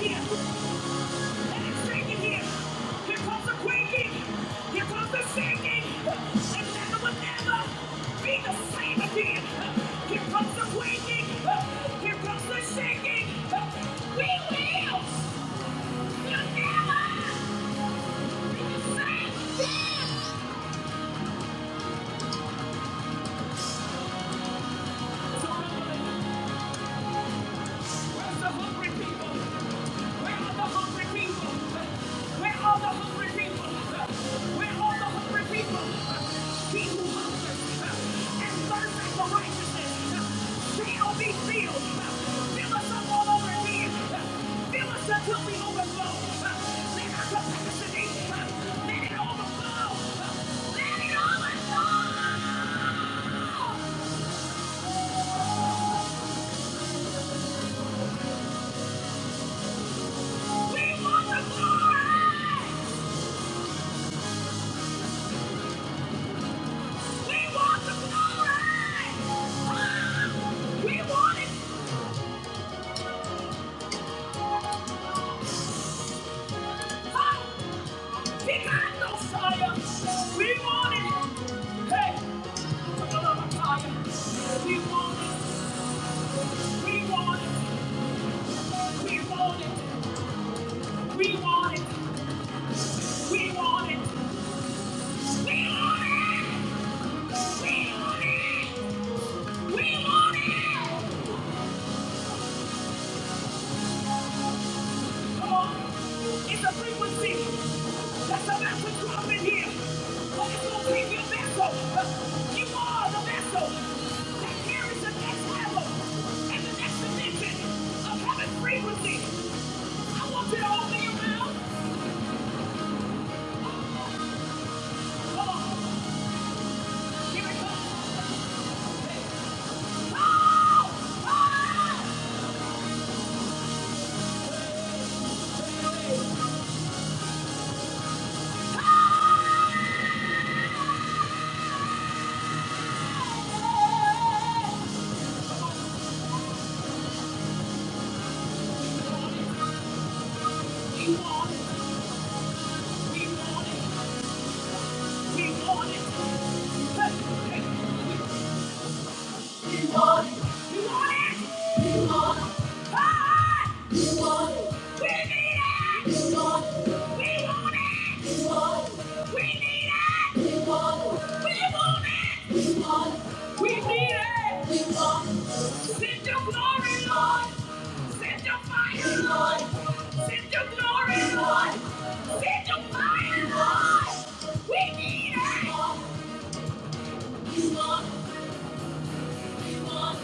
here. comes the quaking. Here comes the shaking. And will ever be the same again. Here comes the quaking. Here comes the shaking. We will. you never be the same again. So Where's the hungry people? Where are the hungry people? Where are the hungry people? Where are the hungry people? He who hungers and thirsts for righteousness shall be filled. Fill us up all over again. Fill us until we overflow. Let our capacity, let it overflow. Let it overflow. We want the glory. We want the glory! Ah! We want it! Ah! We got no We want it! Hey! We want it! We want it! We want it! We want it! We want it! We want it! We want it! We want it! It's a frequency that's about to drop in here. But it's going to take your vessel. You are the vessel that carries the next level and the next dimension of heaven's frequency. I want you to open your mouth. Come on. Here it comes. Oh! Oh! We want it. We want it. We want it. We want it. We need it! We want, we want,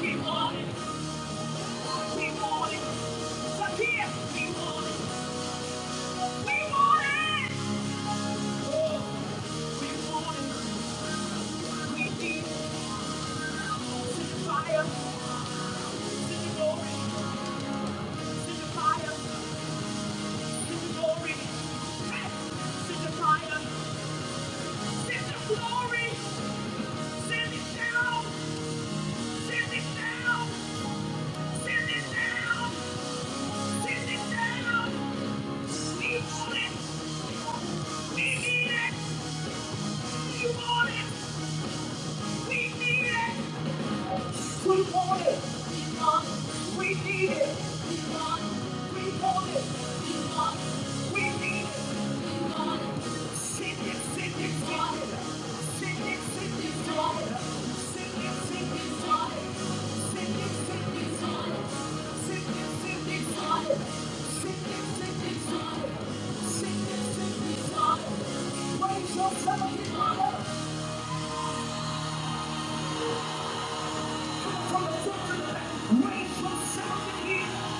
we want it. We want it. Zakia, we want it. We want it. Oh, we want it. We need it. Send the fire. Send the glory. Send the fire. Send the glory. Hey, send the fire. Send the glory. Send it down. Send it down. Send it down. Send it down. We want it. We need it. We want it. We need it. We want it. We want it. We need it. We want it. We want it. We want it. We need it. We want it. Send it, send it, want it. Send it, send it, want it. Send it, send it, want it. Send it, send it, want it. Send it, send it, want it. Send it, send it, want it. Send it, send it, want it. Raise yourself in honor. From the foot to the back, raise your sound in here.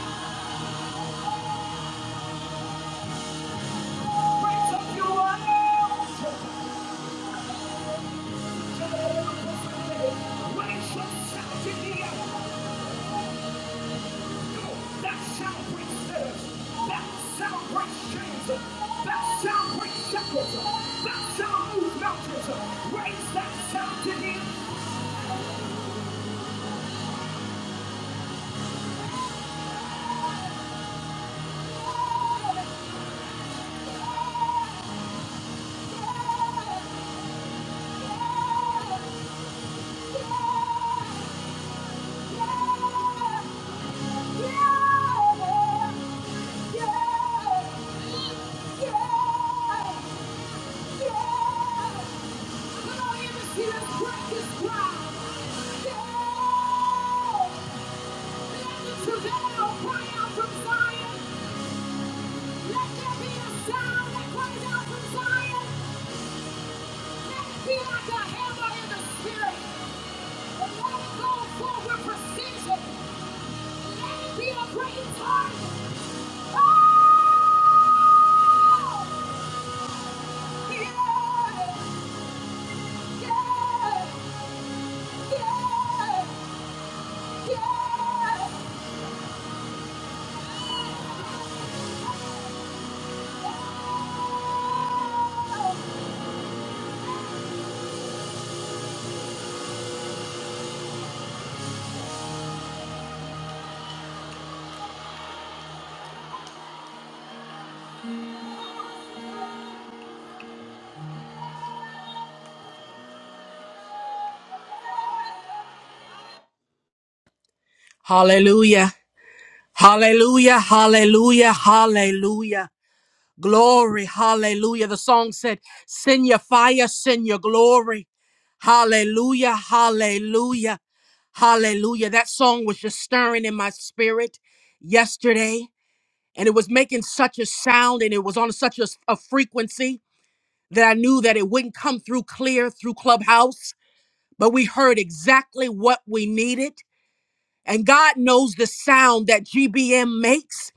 Raise up your worship. To the Lord, your family. Raise your sound in here. Go. That sound breaks sinners. That sound breaks chains. That sound breaks shackles. That sound moves mountains. Raise that sound in here. Yeah, yeah, yeah, yeah, yeah. Yeah! yeah, yeah. yeah, yeah. Hallelujah. Hallelujah. Hallelujah. Hallelujah. Glory. Hallelujah. The song said, Send your fire, send your glory. Hallelujah. Hallelujah. Hallelujah. That song was just stirring in my spirit yesterday, and it was making such a sound and it was on such a a frequency that I knew that it wouldn't come through clear through Clubhouse, but we heard exactly what we needed. And God knows the sound that GBM makes.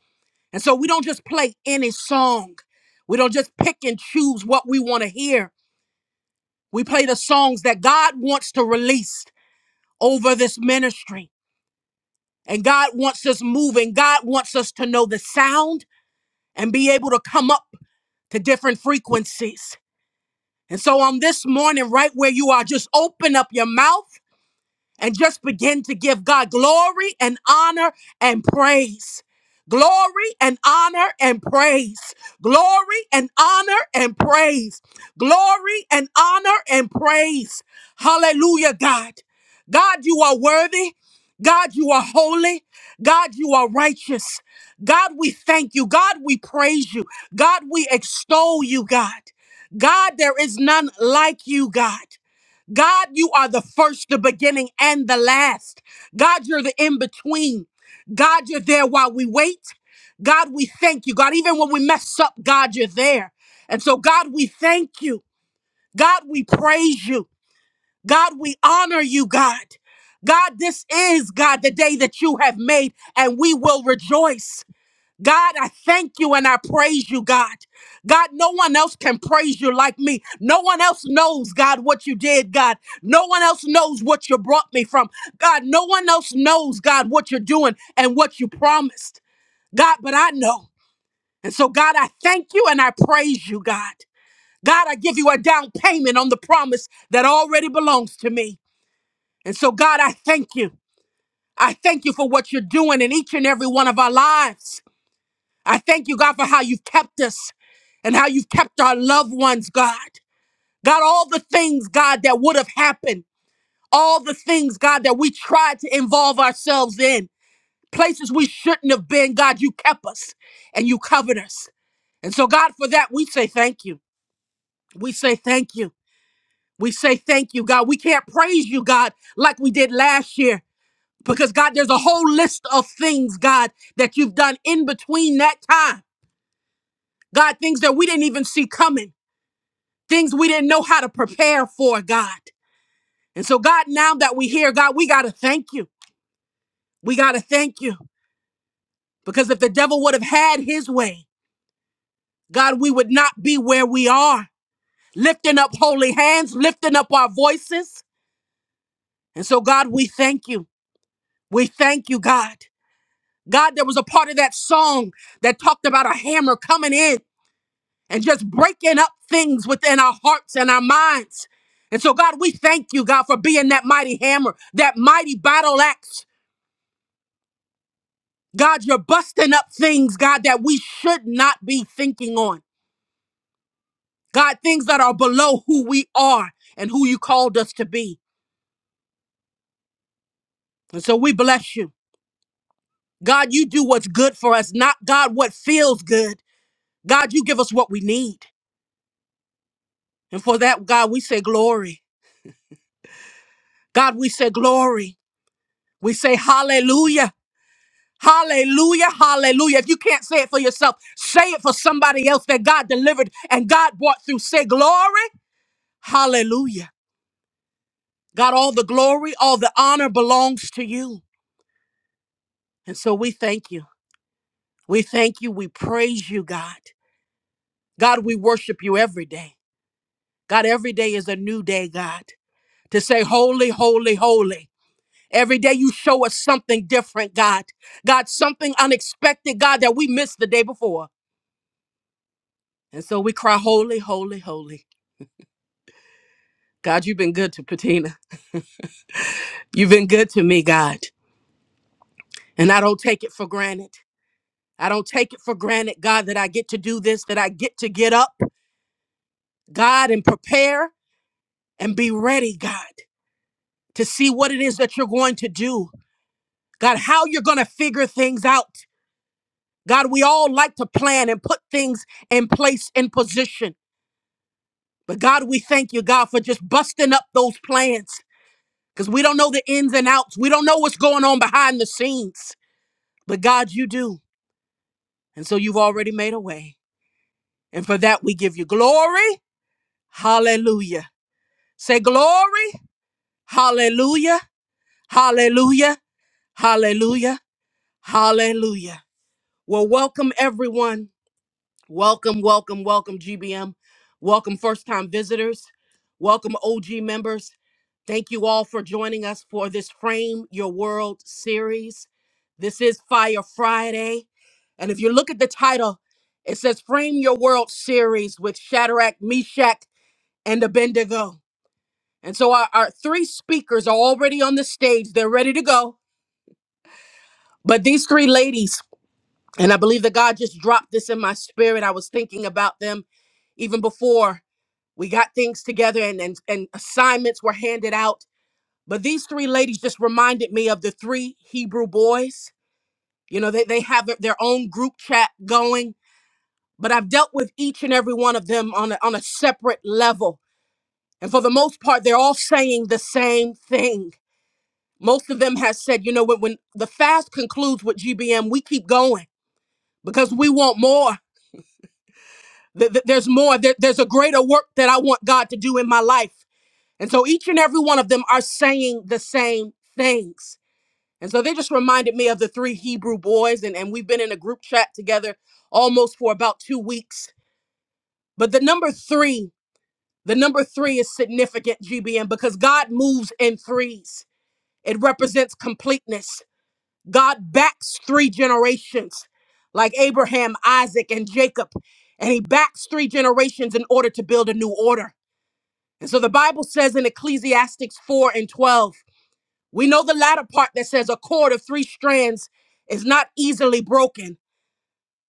And so we don't just play any song. We don't just pick and choose what we want to hear. We play the songs that God wants to release over this ministry. And God wants us moving. God wants us to know the sound and be able to come up to different frequencies. And so on this morning, right where you are, just open up your mouth and just begin to give God glory and honor and praise. Glory and honor and praise. Glory and honor and praise. Glory and honor and praise. Hallelujah, God. God, you are worthy. God, you are holy. God, you are righteous. God, we thank you. God, we praise you. God, we extol you, God. God, there is none like you, God. God, you are the first, the beginning, and the last. God, you're the in between. God, you're there while we wait. God, we thank you. God, even when we mess up, God, you're there. And so, God, we thank you. God, we praise you. God, we honor you, God. God, this is, God, the day that you have made, and we will rejoice. God, I thank you and I praise you, God. God, no one else can praise you like me. No one else knows, God, what you did, God. No one else knows what you brought me from. God, no one else knows, God, what you're doing and what you promised. God, but I know. And so, God, I thank you and I praise you, God. God, I give you a down payment on the promise that already belongs to me. And so, God, I thank you. I thank you for what you're doing in each and every one of our lives. I thank you, God, for how you've kept us and how you've kept our loved ones, God. God, all the things, God, that would have happened, all the things, God, that we tried to involve ourselves in, places we shouldn't have been, God, you kept us and you covered us. And so, God, for that, we say thank you. We say thank you. We say thank you, God. We can't praise you, God, like we did last year. Because God, there's a whole list of things, God, that you've done in between that time. God, things that we didn't even see coming. things we didn't know how to prepare for, God. And so, God, now that we are here, God, we got to thank you. We got to thank you because if the devil would have had his way, God, we would not be where we are, lifting up holy hands, lifting up our voices. And so, God, we thank you. We thank you, God. God, there was a part of that song that talked about a hammer coming in and just breaking up things within our hearts and our minds. And so, God, we thank you, God, for being that mighty hammer, that mighty battle axe God, you're busting up things, God, that we should not be thinking on. God, things that are below who we are and who you called us to be. And so we bless you. God, you do what's good for us, not God, what feels good. God, you give us what we need. And for that, God, we say glory. God, we say glory. We say hallelujah. Hallelujah, hallelujah. If you can't say it for yourself, say it for somebody else that God delivered and God brought through. Say glory, hallelujah. God, all the glory, all the honor belongs to you. And so we thank you. We thank you. We praise you, God. God, we worship you every day. God, every day is a new day, God, to say, Holy, holy, holy. Every day you show us something different, God. God, something unexpected, God, that we missed the day before. And so we cry, Holy, holy, holy. God, you've been good to Patina. You've been good to me, God. And I don't take it for granted. I don't take it for granted, God, that I get to do this, that I get to get up. God, and prepare and be ready, God, to see what it is that you're going to do. God, how you're going to figure things out. God, we all like to plan and put things in place and position. But God, we thank you, God, for just busting up those plans because we don't know the ins and outs. We don't know what's going on behind the scenes. But God, you do. And so you've already made a way. And for that, we give you glory. Hallelujah. Say glory. Hallelujah. Hallelujah. Hallelujah. Hallelujah. Well, welcome everyone. Welcome, welcome, welcome, GBM. Welcome, first time visitors. Welcome, OG members. Thank you all for joining us for this Frame Your World series. This is Fire Friday. And if you look at the title, it says Frame Your World series with Shadrach, Meshach, and Abednego. And so our, our three speakers are already on the stage. They're ready to go. But these three ladies And I believe that God just dropped this in my spirit. I was thinking about them even before we got things together and, and, and assignments were handed out. But these three ladies just reminded me of the three Hebrew boys. You know, they, they have their their own group chat going, but I've dealt with each and every one of them on a, on a separate level. And for the most part, they're all saying the same thing. Most of them has said, you know, when, when the fast concludes with GBM, we keep going because we want more. Th- th- There's more. There- There's a greater work that I want God to do in my life. And so each and every one of them are saying the same things. And so they just reminded me of the three Hebrew boys, and, and we've been in a group chat together almost for about two weeks. But the number three, the number three is significant, GBN, because God moves in threes. It represents completeness. God backs three generations, like Abraham, Isaac, and Jacob, and he backs three generations in order to build a new order. And so the Bible says in Ecclesiastes 4 and 12, we know the latter part that says a cord of three strands is not easily broken.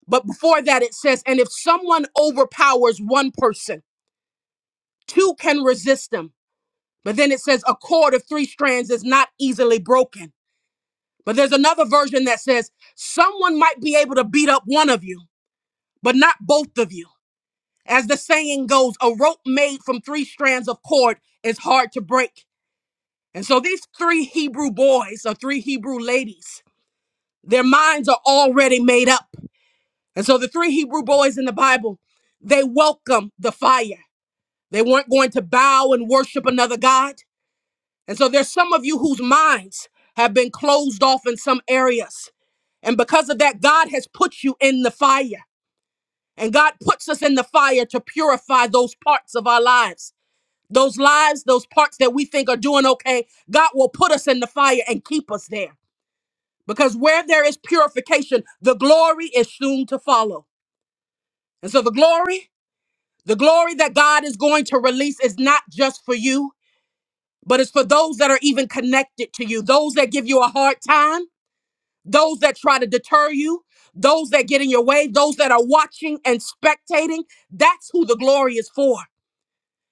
But before that, it says, and if someone overpowers one person, two can resist them. But then it says, a cord of three strands is not easily broken. But there's another version that says, someone might be able to beat up one of you, but not both of you. As the saying goes, a rope made from three strands of cord is hard to break. And so these three Hebrew boys or three Hebrew ladies, their minds are already made up. And so the three Hebrew boys in the Bible, they welcome the fire. They weren't going to bow and worship another God. And so there's some of you whose minds have been closed off in some areas. And because of that, God has put you in the fire. And God puts us in the fire to purify those parts of our lives. Those lives, those parts that we think are doing okay, God will put us in the fire and keep us there. Because where there is purification, the glory is soon to follow. And so the glory, the glory that God is going to release is not just for you, but it's for those that are even connected to you, those that give you a hard time, those that try to deter you, those that get in your way, those that are watching and spectating. That's who the glory is for.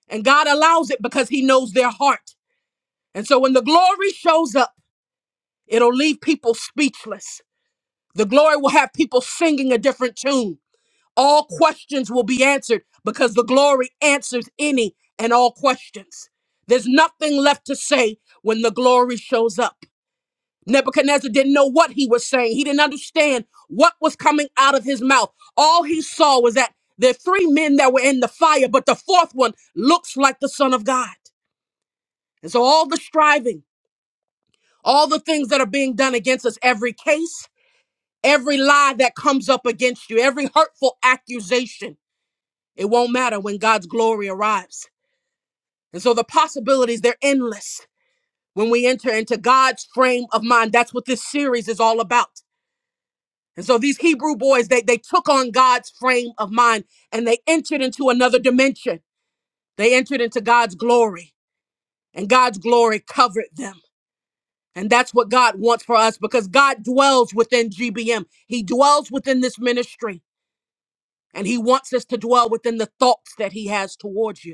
And God allows it because He knows their heart. And so when the glory shows up, it'll leave people speechless. The glory will have people singing a different tune. All questions will be answered because the glory answers any and all questions. There's nothing left to say when the glory shows up. Nebuchadnezzar didn't know what he was saying. He didn't understand what was coming out of his mouth. All he saw was that there are three men that were in the fire, but the fourth one looks like the Son of God. And so all the striving, all the things that are being done against us, every case, every lie that comes up against you, every hurtful accusation, It won't matter when God's glory arrives. And so the possibilities, they're endless when we enter into God's frame of mind. That's what this series is all about. And so these Hebrew boys, they, they took on God's frame of mind and they entered into another dimension. They entered into God's glory, and God's glory covered them. And that's what God wants for us because God dwells within GBM. He dwells within this ministry, and He wants us to dwell within the thoughts that He has towards you.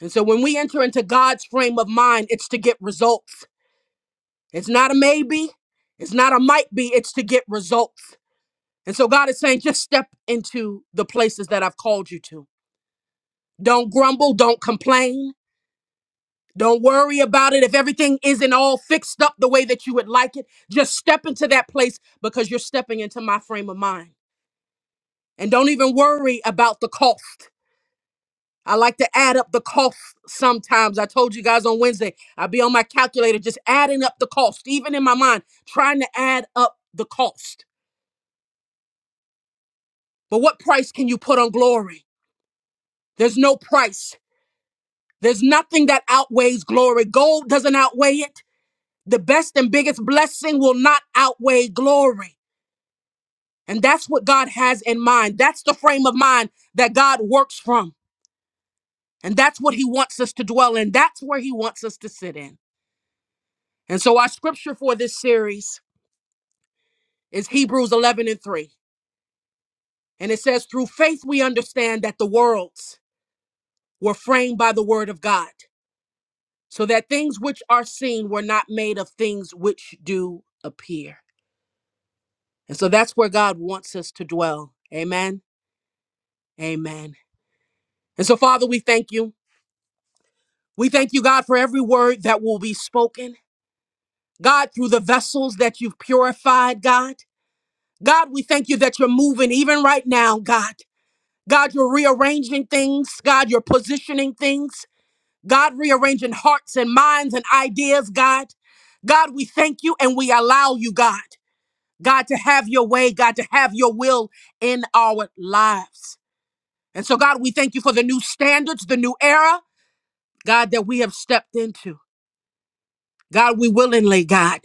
And so when we enter into God's frame of mind, it's to get results. It's not a maybe, it's not a might be, it's to get results. And so God is saying, just step into the places that I've called you to. Don't grumble, don't complain. Don't worry about it. If everything isn't all fixed up the way that you would like it, just step into that place because you're stepping into my frame of mind. And don't even worry about the cost. I like to add up the cost sometimes. I told you guys on Wednesday, I'd be on my calculator just adding up the cost, even in my mind, trying to add up the cost. But what price can you put on glory? There's no price. There's nothing that outweighs glory. Gold doesn't outweigh it. The best and biggest blessing will not outweigh glory. And that's what God has in mind. That's the frame of mind that God works from. And that's what he wants us to dwell in. That's where he wants us to sit in. And so, our scripture for this series is Hebrews 11 and 3. And it says, Through faith we understand that the worlds were framed by the word of God, so that things which are seen were not made of things which do appear. And so that's where God wants us to dwell. Amen. Amen. And so, Father, we thank you. We thank you, God, for every word that will be spoken. God, through the vessels that you've purified, God. God, we thank you that you're moving even right now, God. God, you're rearranging things. God, you're positioning things. God, rearranging hearts and minds and ideas, God. God, we thank you and we allow you, God, God, to have your way, God, to have your will in our lives. And so, God, we thank you for the new standards, the new era, God, that we have stepped into. God, we willingly, God,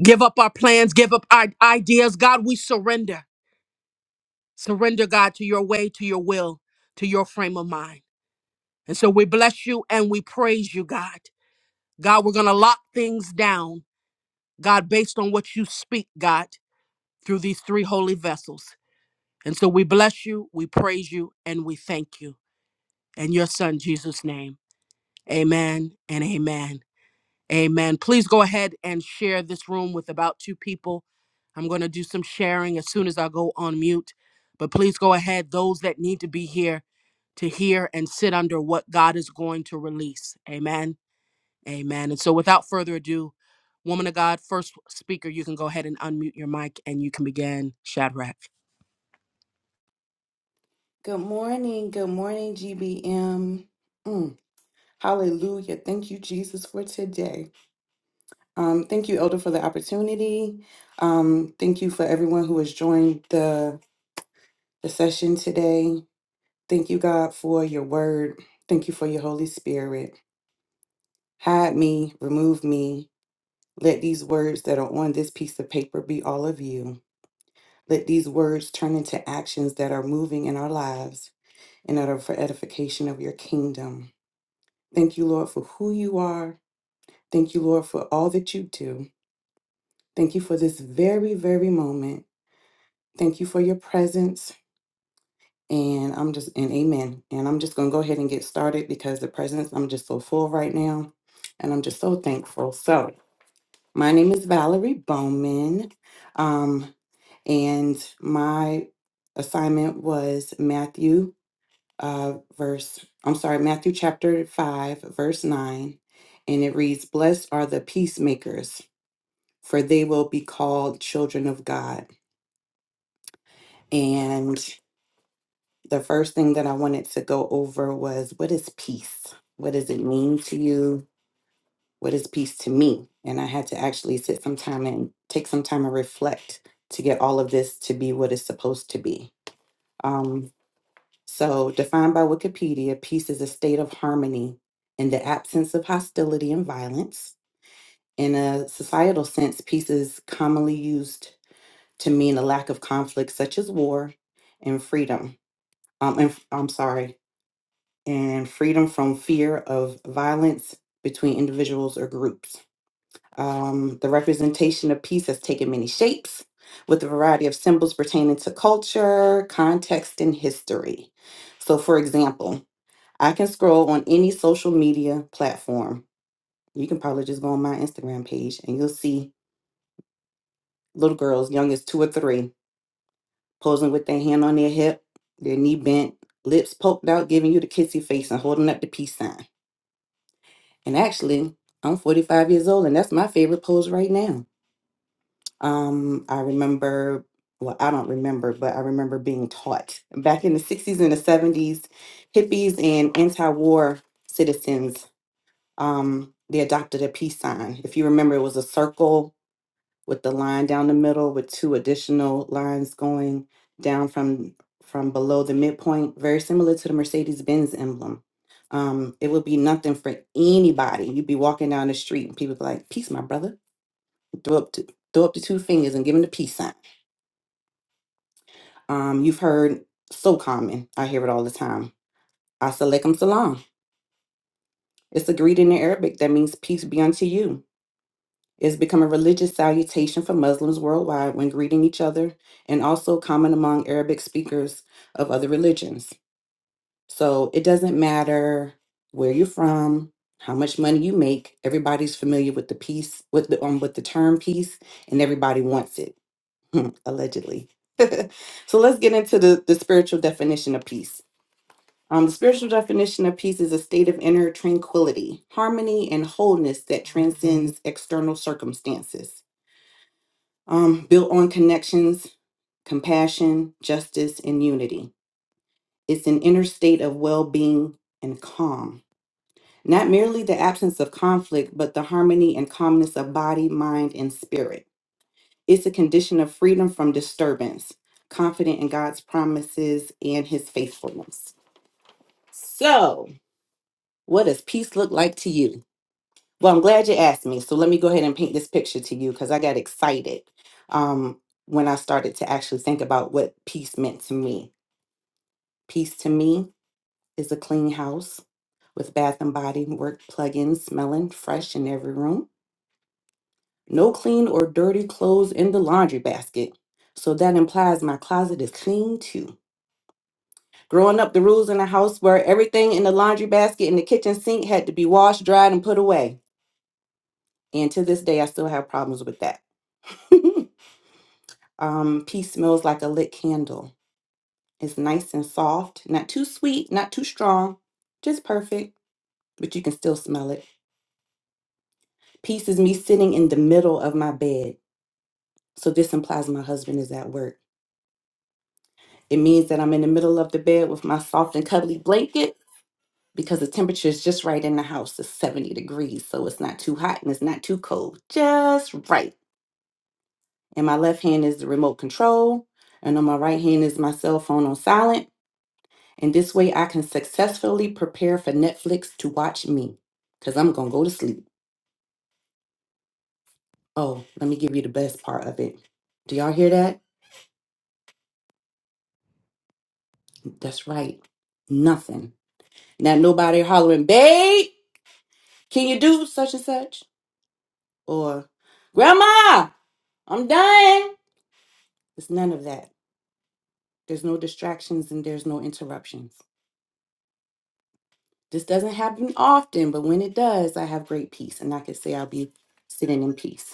give up our plans, give up our ideas. God, we surrender. Surrender, God, to your way, to your will, to your frame of mind. And so we bless you and we praise you, God. God, we're going to lock things down God, based on what you speak, God, through these three holy vessels. And so we bless you, we praise you, and we thank you. In your son, Jesus' name, amen and amen. Amen. Please go ahead and share this room with about two people. I'm going to do some sharing as soon as I go on mute. But please go ahead, those that need to be here to hear and sit under what God is going to release. Amen. Amen. And so, without further ado, woman of God, first speaker, you can go ahead and unmute your mic and you can begin Shadrach. Good morning. Good morning, GBM. Mm, hallelujah. Thank you, Jesus, for today. Um, thank you, Elder, for the opportunity. Um, thank you for everyone who has joined the, the session today. Thank you, God, for your word. Thank you for your Holy Spirit. Hide me, remove me. Let these words that are on this piece of paper be all of you. Let these words turn into actions that are moving in our lives and that are for edification of your kingdom. Thank you, Lord, for who you are. Thank you, Lord, for all that you do. Thank you for this very, very moment. Thank you for your presence. And I'm just, and amen. And I'm just going to go ahead and get started because the presence, I'm just so full right now. And I'm just so thankful. So, my name is Valerie Bowman. Um, and my assignment was Matthew uh, verse, I'm sorry, Matthew chapter 5, verse 9, and it reads, Blessed are the peacemakers, for they will be called children of God. And the first thing that I wanted to go over was what is peace? What does it mean to you? What is peace to me? And I had to actually sit some time and take some time and reflect to get all of this to be what it's supposed to be. Um, So, defined by Wikipedia, peace is a state of harmony in the absence of hostility and violence. In a societal sense, peace is commonly used to mean a lack of conflict, such as war and freedom. Um, and, I'm sorry, and freedom from fear of violence between individuals or groups. Um, the representation of peace has taken many shapes with a variety of symbols pertaining to culture, context, and history. So, for example, I can scroll on any social media platform. You can probably just go on my Instagram page and you'll see little girls, young as two or three, posing with their hand on their hip, their knee bent, lips poked out, giving you the kissy face and holding up the peace sign. And actually, I'm 45 years old and that's my favorite pose right now. Um, I remember, well, I don't remember, but I remember being taught back in the 60s and the 70s, hippies and anti war citizens um, they adopted a peace sign. If you remember, it was a circle with the line down the middle with two additional lines going down from from below the midpoint, very similar to the Mercedes Benz emblem. Um, it would be nothing for anybody. You'd be walking down the street and people be like, "Peace, my brother." Throw up to, throw up the two fingers and give them the peace sign. Um, you've heard so common. I hear it all the time. Assalamualaikum salam. It's a greeting in Arabic that means peace be unto you. It's become a religious salutation for Muslims worldwide when greeting each other and also common among Arabic speakers of other religions. So it doesn't matter where you're from, how much money you make, everybody's familiar with the peace with the um, with the term peace and everybody wants it, allegedly. so let's get into the, the spiritual definition of peace. Um, the spiritual definition of peace is a state of inner tranquility, harmony, and wholeness that transcends external circumstances um, built on connections, compassion, justice, and unity. It's an inner state of well being and calm, not merely the absence of conflict, but the harmony and calmness of body, mind, and spirit. It's a condition of freedom from disturbance, confident in God's promises and his faithfulness. So, what does peace look like to you? Well, I'm glad you asked me. So let me go ahead and paint this picture to you because I got excited um, when I started to actually think about what peace meant to me. Peace to me is a clean house with bath and body work plug ins smelling fresh in every room. No clean or dirty clothes in the laundry basket. So that implies my closet is clean too. Growing up, the rules in the house were everything in the laundry basket and the kitchen sink had to be washed, dried, and put away. And to this day, I still have problems with that. Um, peace smells like a lit candle. It's nice and soft, not too sweet, not too strong, just perfect, but you can still smell it. Peace is me sitting in the middle of my bed. So this implies my husband is at work. It means that I'm in the middle of the bed with my soft and cuddly blanket because the temperature is just right in the house. It's 70 degrees, so it's not too hot and it's not too cold. Just right. And my left hand is the remote control, and on my right hand is my cell phone on silent And this way I can successfully prepare for Netflix to watch me because I'm going to go to sleep. Oh, let me give you the best part of it. Do y'all hear that? That's right. Nothing. Now, nobody hollering, babe, can you do such and such? Or, grandma, I'm dying." It's none of that. There's no distractions and there's no interruptions. This doesn't happen often, but when it does, I have great peace and I can say I'll be sitting in peace.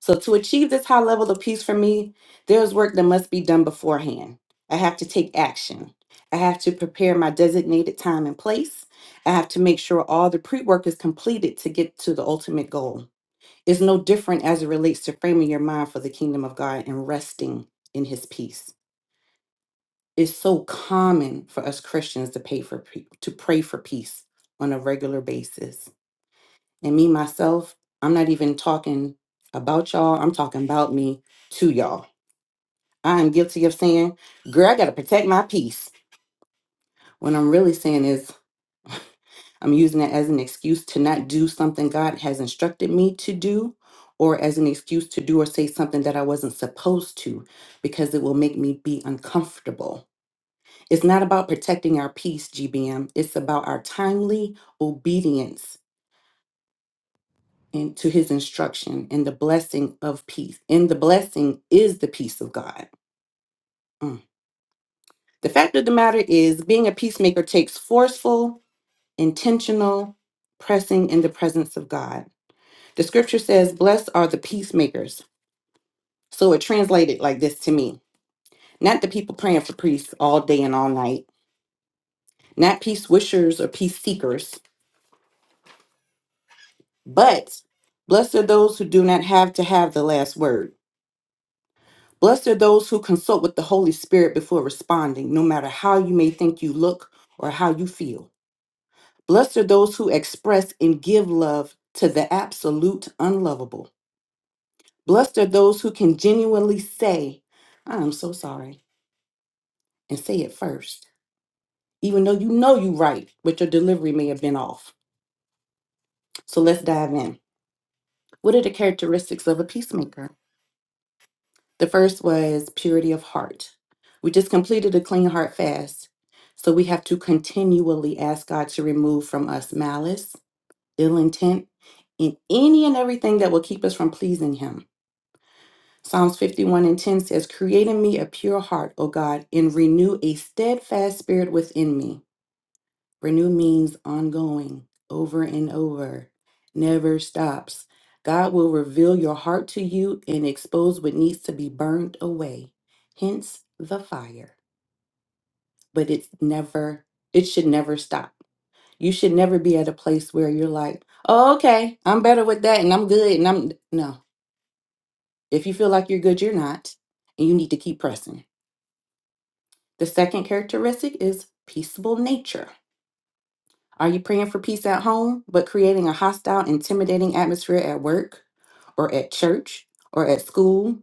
So, to achieve this high level of peace for me, there is work that must be done beforehand. I have to take action. I have to prepare my designated time and place. I have to make sure all the pre work is completed to get to the ultimate goal. It's no different as it relates to framing your mind for the kingdom of God and resting in his peace. It's so common for us Christians to pay for pe- to pray for peace on a regular basis. And me myself, I'm not even talking about y'all. I'm talking about me to y'all I am guilty of saying, girl, I got to protect my peace. What I'm really saying is, I'm using that as an excuse to not do something God has instructed me to do, or as an excuse to do or say something that I wasn't supposed to, because it will make me be uncomfortable. It's not about protecting our peace, GBM. It's about our timely obedience in, to his instruction and the blessing of peace. And the blessing is the peace of God. Mm. The fact of the matter is, being a peacemaker takes forceful intentional pressing in the presence of God. The scripture says, Blessed are the peacemakers. So it translated like this to me not the people praying for peace all day and all night, not peace wishers or peace seekers, but blessed are those who do not have to have the last word. Blessed are those who consult with the Holy Spirit before responding, no matter how you may think you look or how you feel. Blessed are those who express and give love to the absolute unlovable. Blessed are those who can genuinely say, I am so sorry, and say it first, even though you know you're right, but your delivery may have been off. So let's dive in. What are the characteristics of a peacemaker? The first was purity of heart. We just completed a clean heart fast. So we have to continually ask God to remove from us malice, ill intent, and any and everything that will keep us from pleasing Him. Psalms 51 and 10 says, Create in me a pure heart, O God, and renew a steadfast spirit within me. Renew means ongoing, over and over, never stops. God will reveal your heart to you and expose what needs to be burned away, hence the fire. But it's never, it should never stop. You should never be at a place where you're like, oh, okay, I'm better with that and I'm good. And I'm, no, if you feel like you're good, you're not. And you need to keep pressing. The second characteristic is peaceable nature. Are you praying for peace at home, but creating a hostile, intimidating atmosphere at work or at church or at school,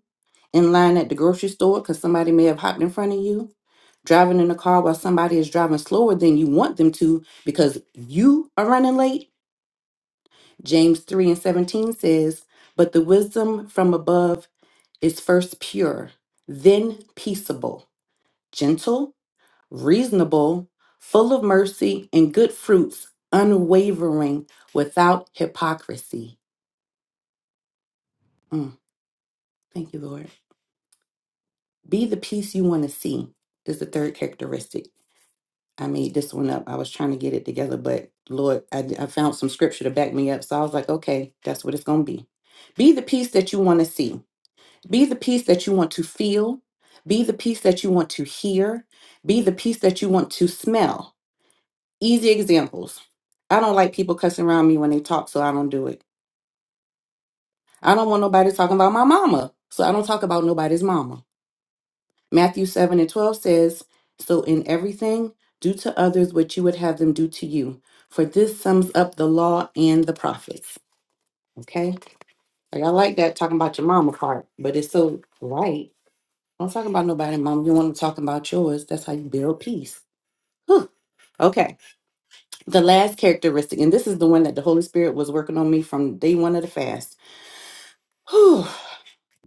in line at the grocery store because somebody may have hopped in front of you, driving in a car while somebody is driving slower than you want them to because you are running late? James 3 and 17 says, But the wisdom from above is first pure, then peaceable, gentle reasonable, full of mercy and good fruits, unwavering, without hypocrisy. Mm, thank you, Lord. Be the peace you want to see. This is the third characteristic. I made this one up. I was trying to get it together, but Lord, I, I found some scripture to back me up. So I was like, okay, that's what it's going to be. Be the peace that you want to see. Be the peace that you want to feel. Be the peace that you want to hear. Be the peace that you want to smell Easy examples. I don't like people cussing around me when they talk, so I don't do it. I don't want nobody talking about my mama, so I don't talk about nobody's mama. Matthew 7 and 12 says, So in everything, do to others what you would have them do to you. For this sums up the law and the prophets. Okay? Like, I like that talking about your mama part, but it's so right. Don't talk about nobody's mama. You want to talk about yours. That's how you build peace. Whew. Okay. the last characteristic, and this is the one that the Holy Spirit was working on me from day one of the fast. Whew.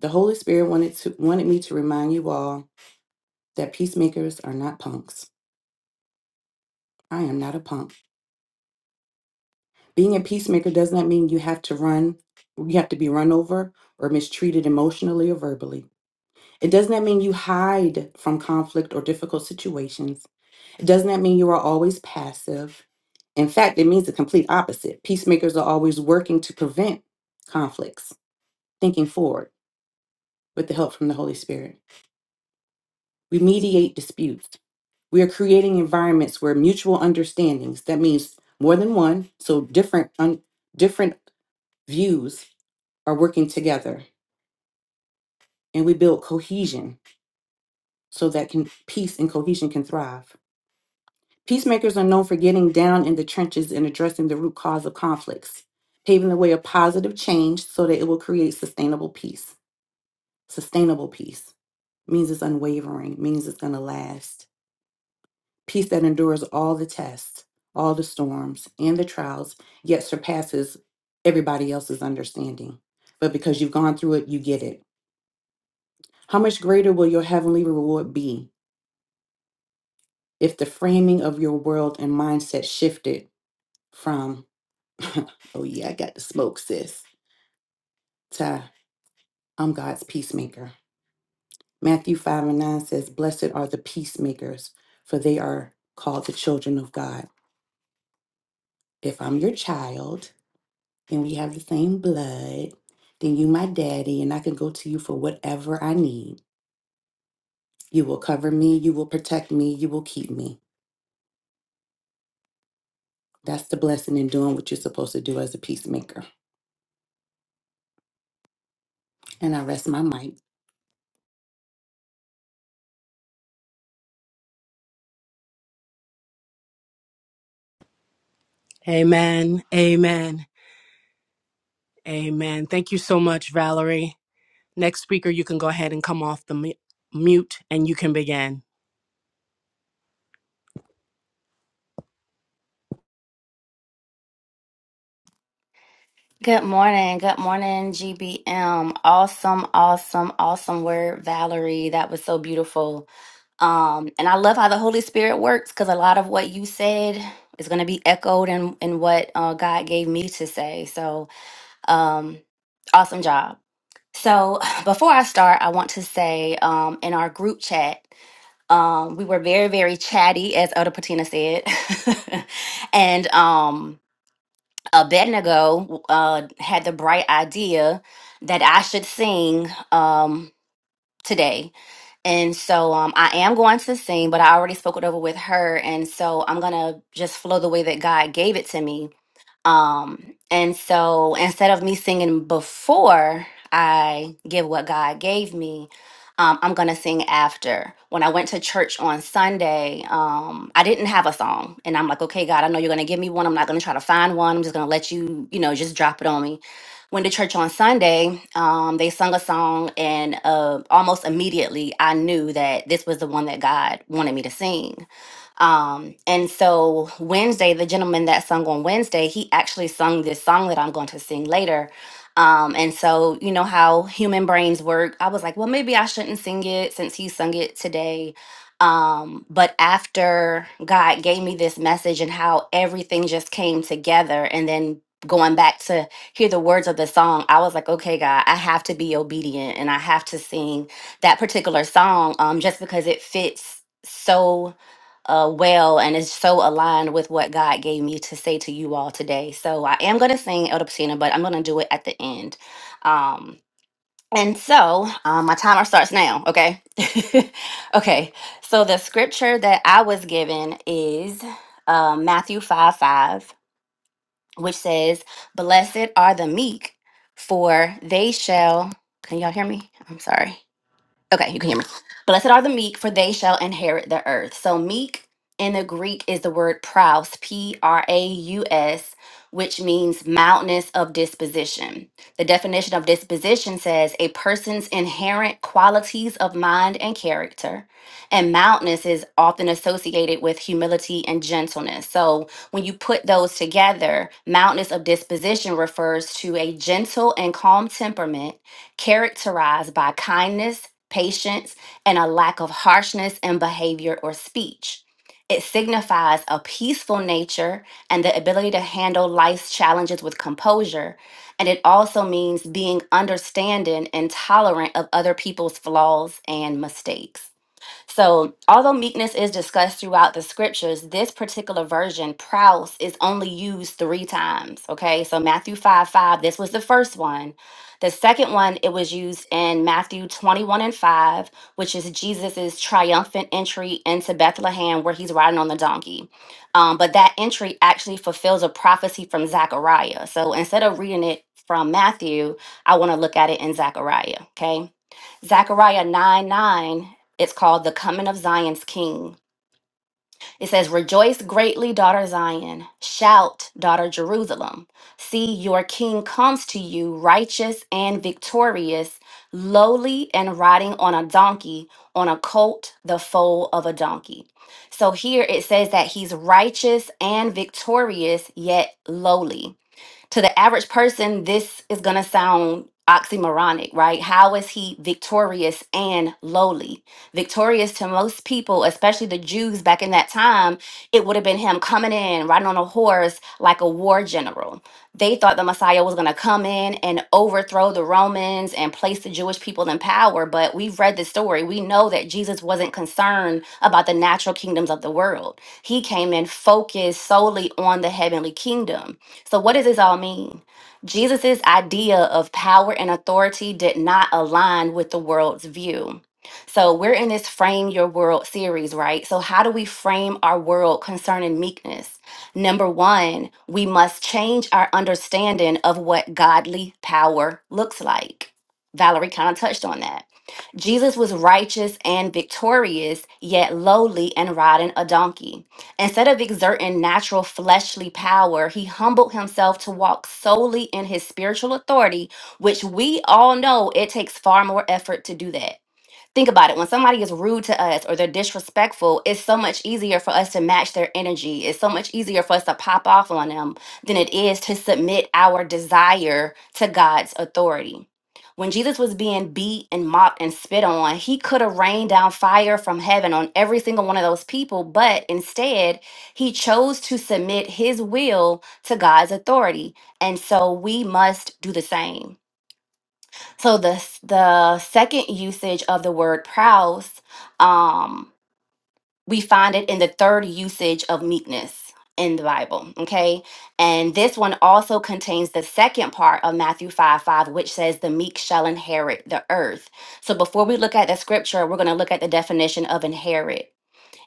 The Holy Spirit wanted to wanted me to remind you all that peacemakers are not punks. I am not a punk. Being a peacemaker does not mean you have to run, you have to be run over or mistreated emotionally or verbally. It does not mean you hide from conflict or difficult situations. It does not mean you are always passive. In fact, it means the complete opposite. Peacemakers are always working to prevent conflicts thinking forward with the help from the Holy Spirit. We mediate disputes. We are creating environments where mutual understandings, that means more than one, so different un, different views are working together and we build cohesion so that can peace and cohesion can thrive. Peacemakers are known for getting down in the trenches and addressing the root cause of conflicts, paving the way of positive change so that it will create sustainable peace. Sustainable peace means it's unwavering, means it's going to last peace that endures all the tests, all the storms, and the trials, yet surpasses everybody else's understanding. But because you've gone through it, you get it. How much greater will your heavenly reward be if the framing of your world and mindset shifted from, oh yeah, I got the smoke, sis, to I'm God's peacemaker? Matthew 5 and 9 says, Blessed are the peacemakers, for they are called the children of God. If I'm your child, and we have the same blood, then you my daddy, and I can go to you for whatever I need. You will cover me, you will protect me, you will keep me. That's the blessing in doing what you're supposed to do as a peacemaker. And I rest my mic. Amen. Amen. Amen. Thank you so much, Valerie. Next speaker, you can go ahead and come off the mu- mute and you can begin. Good morning. Good morning, GBM. Awesome, awesome, awesome word, Valerie. That was so beautiful. Um, and I love how the Holy Spirit works because a lot of what you said is going to be echoed in, in what uh, God gave me to say. So, um, awesome job. So, before I start, I want to say um, in our group chat, um, we were very, very chatty, as Elder Patina said. and, um, Abednego uh, had the bright idea that I should sing um, today. And so um, I am going to sing, but I already spoke it over with her. And so I'm going to just flow the way that God gave it to me. Um, and so instead of me singing before I give what God gave me, um, I'm gonna sing after. When I went to church on Sunday, um, I didn't have a song, and I'm like, okay, God, I know you're gonna give me one. I'm not gonna try to find one. I'm just gonna let you, you know, just drop it on me. Went to church on Sunday. Um, they sung a song, and uh, almost immediately I knew that this was the one that God wanted me to sing. Um, and so Wednesday, the gentleman that sung on Wednesday, he actually sung this song that I'm going to sing later. Um, and so you know how human brains work. I was like, well, maybe I shouldn't sing it since he sung it today. Um, but after God gave me this message and how everything just came together, and then going back to hear the words of the song, I was like, okay, God, I have to be obedient and I have to sing that particular song um, just because it fits so uh, well and it's so aligned with what God gave me to say to you all today. So I am going to sing Elder Patina, but I'm going to do it at the end. Um, and so um, my timer starts now, okay? okay, so the scripture that I was given is uh, Matthew 5 5, which says, Blessed are the meek, for they shall. Can y'all hear me? I'm sorry. Okay, you can hear me. Blessed are the meek, for they shall inherit the earth. So, meek in the Greek is the word praus, P R A U S, which means mildness of disposition. The definition of disposition says a person's inherent qualities of mind and character. And mildness is often associated with humility and gentleness. So, when you put those together, mildness of disposition refers to a gentle and calm temperament characterized by kindness, patience, and a lack of harshness in behavior or speech. It signifies a peaceful nature and the ability to handle life's challenges with composure. And it also means being understanding and tolerant of other people's flaws and mistakes. So, although meekness is discussed throughout the scriptures, this particular version, Prouse, is only used three times. Okay. So, Matthew 5 5, this was the first one. The second one, it was used in Matthew 21 and 5, which is Jesus's triumphant entry into Bethlehem where he's riding on the donkey. Um, but that entry actually fulfills a prophecy from Zechariah. So, instead of reading it from Matthew, I want to look at it in Zechariah. Okay. Zechariah 9 9 it's called The Coming of Zion's King. It says, Rejoice greatly, daughter Zion. Shout, daughter Jerusalem. See, your king comes to you, righteous and victorious, lowly and riding on a donkey, on a colt, the foal of a donkey. So here it says that he's righteous and victorious, yet lowly to the average person, this is going to sound oxymoronic, right? How is he victorious and lowly? Victorious to most people, especially the Jews back in that time, it would have been him coming in, riding on a horse like a war general. They thought the Messiah was going to come in and overthrow the Romans and place the Jewish people in power. But we've read the story. We know that Jesus wasn't concerned about the natural kingdoms of the world. He came in focused solely on the heavenly kingdom so, what does this all mean? Jesus' idea of power and authority did not align with the world's view. So, we're in this Frame Your World series, right? So, how do we frame our world concerning meekness? Number one, we must change our understanding of what godly power looks like. Valerie kind of touched on that. Jesus was righteous and victorious, yet lowly and riding a donkey. Instead of exerting natural fleshly power, he humbled himself to walk solely in his spiritual authority, which we all know it takes far more effort to do that. Think about it. When somebody is rude to us or they're disrespectful, it's so much easier for us to match their energy. It's so much easier for us to pop off on them than it is to submit our desire to God's authority. When Jesus was being beat and mocked and spit on, he could have rained down fire from heaven on every single one of those people, but instead, he chose to submit his will to God's authority. And so we must do the same so the s- the second usage of the word prowess, um, we find it in the third usage of meekness in the Bible. Okay, and this one also contains the second part of Matthew five five, which says, "The meek shall inherit the earth." So before we look at the scripture, we're going to look at the definition of inherit.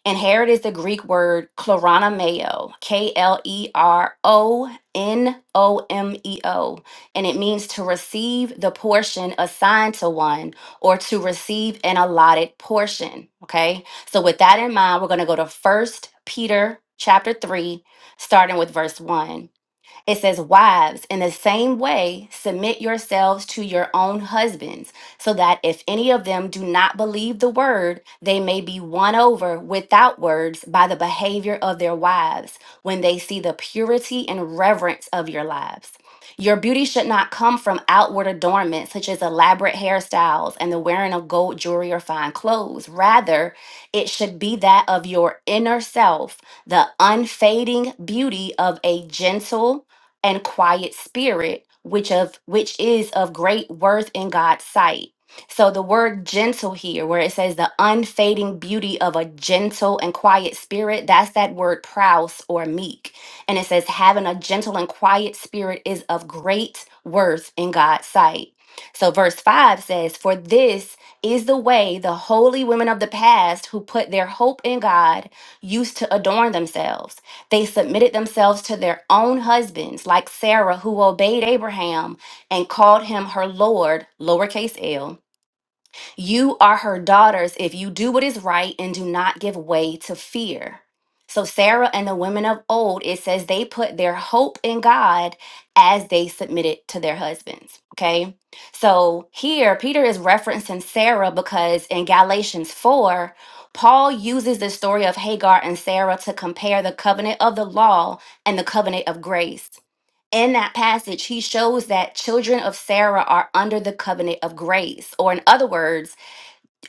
And Herod is the Greek word kleronomeo, K L E R O N O M E O, and it means to receive the portion assigned to one or to receive an allotted portion. Okay, so with that in mind, we're going to go to First Peter chapter 3, starting with verse 1. It says, Wives, in the same way, submit yourselves to your own husbands, so that if any of them do not believe the word, they may be won over without words by the behavior of their wives when they see the purity and reverence of your lives. Your beauty should not come from outward adornment, such as elaborate hairstyles and the wearing of gold jewelry or fine clothes. Rather, it should be that of your inner self, the unfading beauty of a gentle, and quiet spirit, which of which is of great worth in God's sight. So the word gentle here, where it says the unfading beauty of a gentle and quiet spirit, that's that word prouse or meek. And it says having a gentle and quiet spirit is of great worth in God's sight. So verse 5 says, For this is the way the holy women of the past who put their hope in God used to adorn themselves they submitted themselves to their own husbands, like Sarah, who obeyed Abraham and called him her Lord, lowercase l. You are her daughters if you do what is right and do not give way to fear. So, Sarah and the women of old, it says they put their hope in God as they submitted to their husbands. Okay. So, here, Peter is referencing Sarah because in Galatians 4, Paul uses the story of Hagar and Sarah to compare the covenant of the law and the covenant of grace. In that passage, he shows that children of Sarah are under the covenant of grace, or in other words,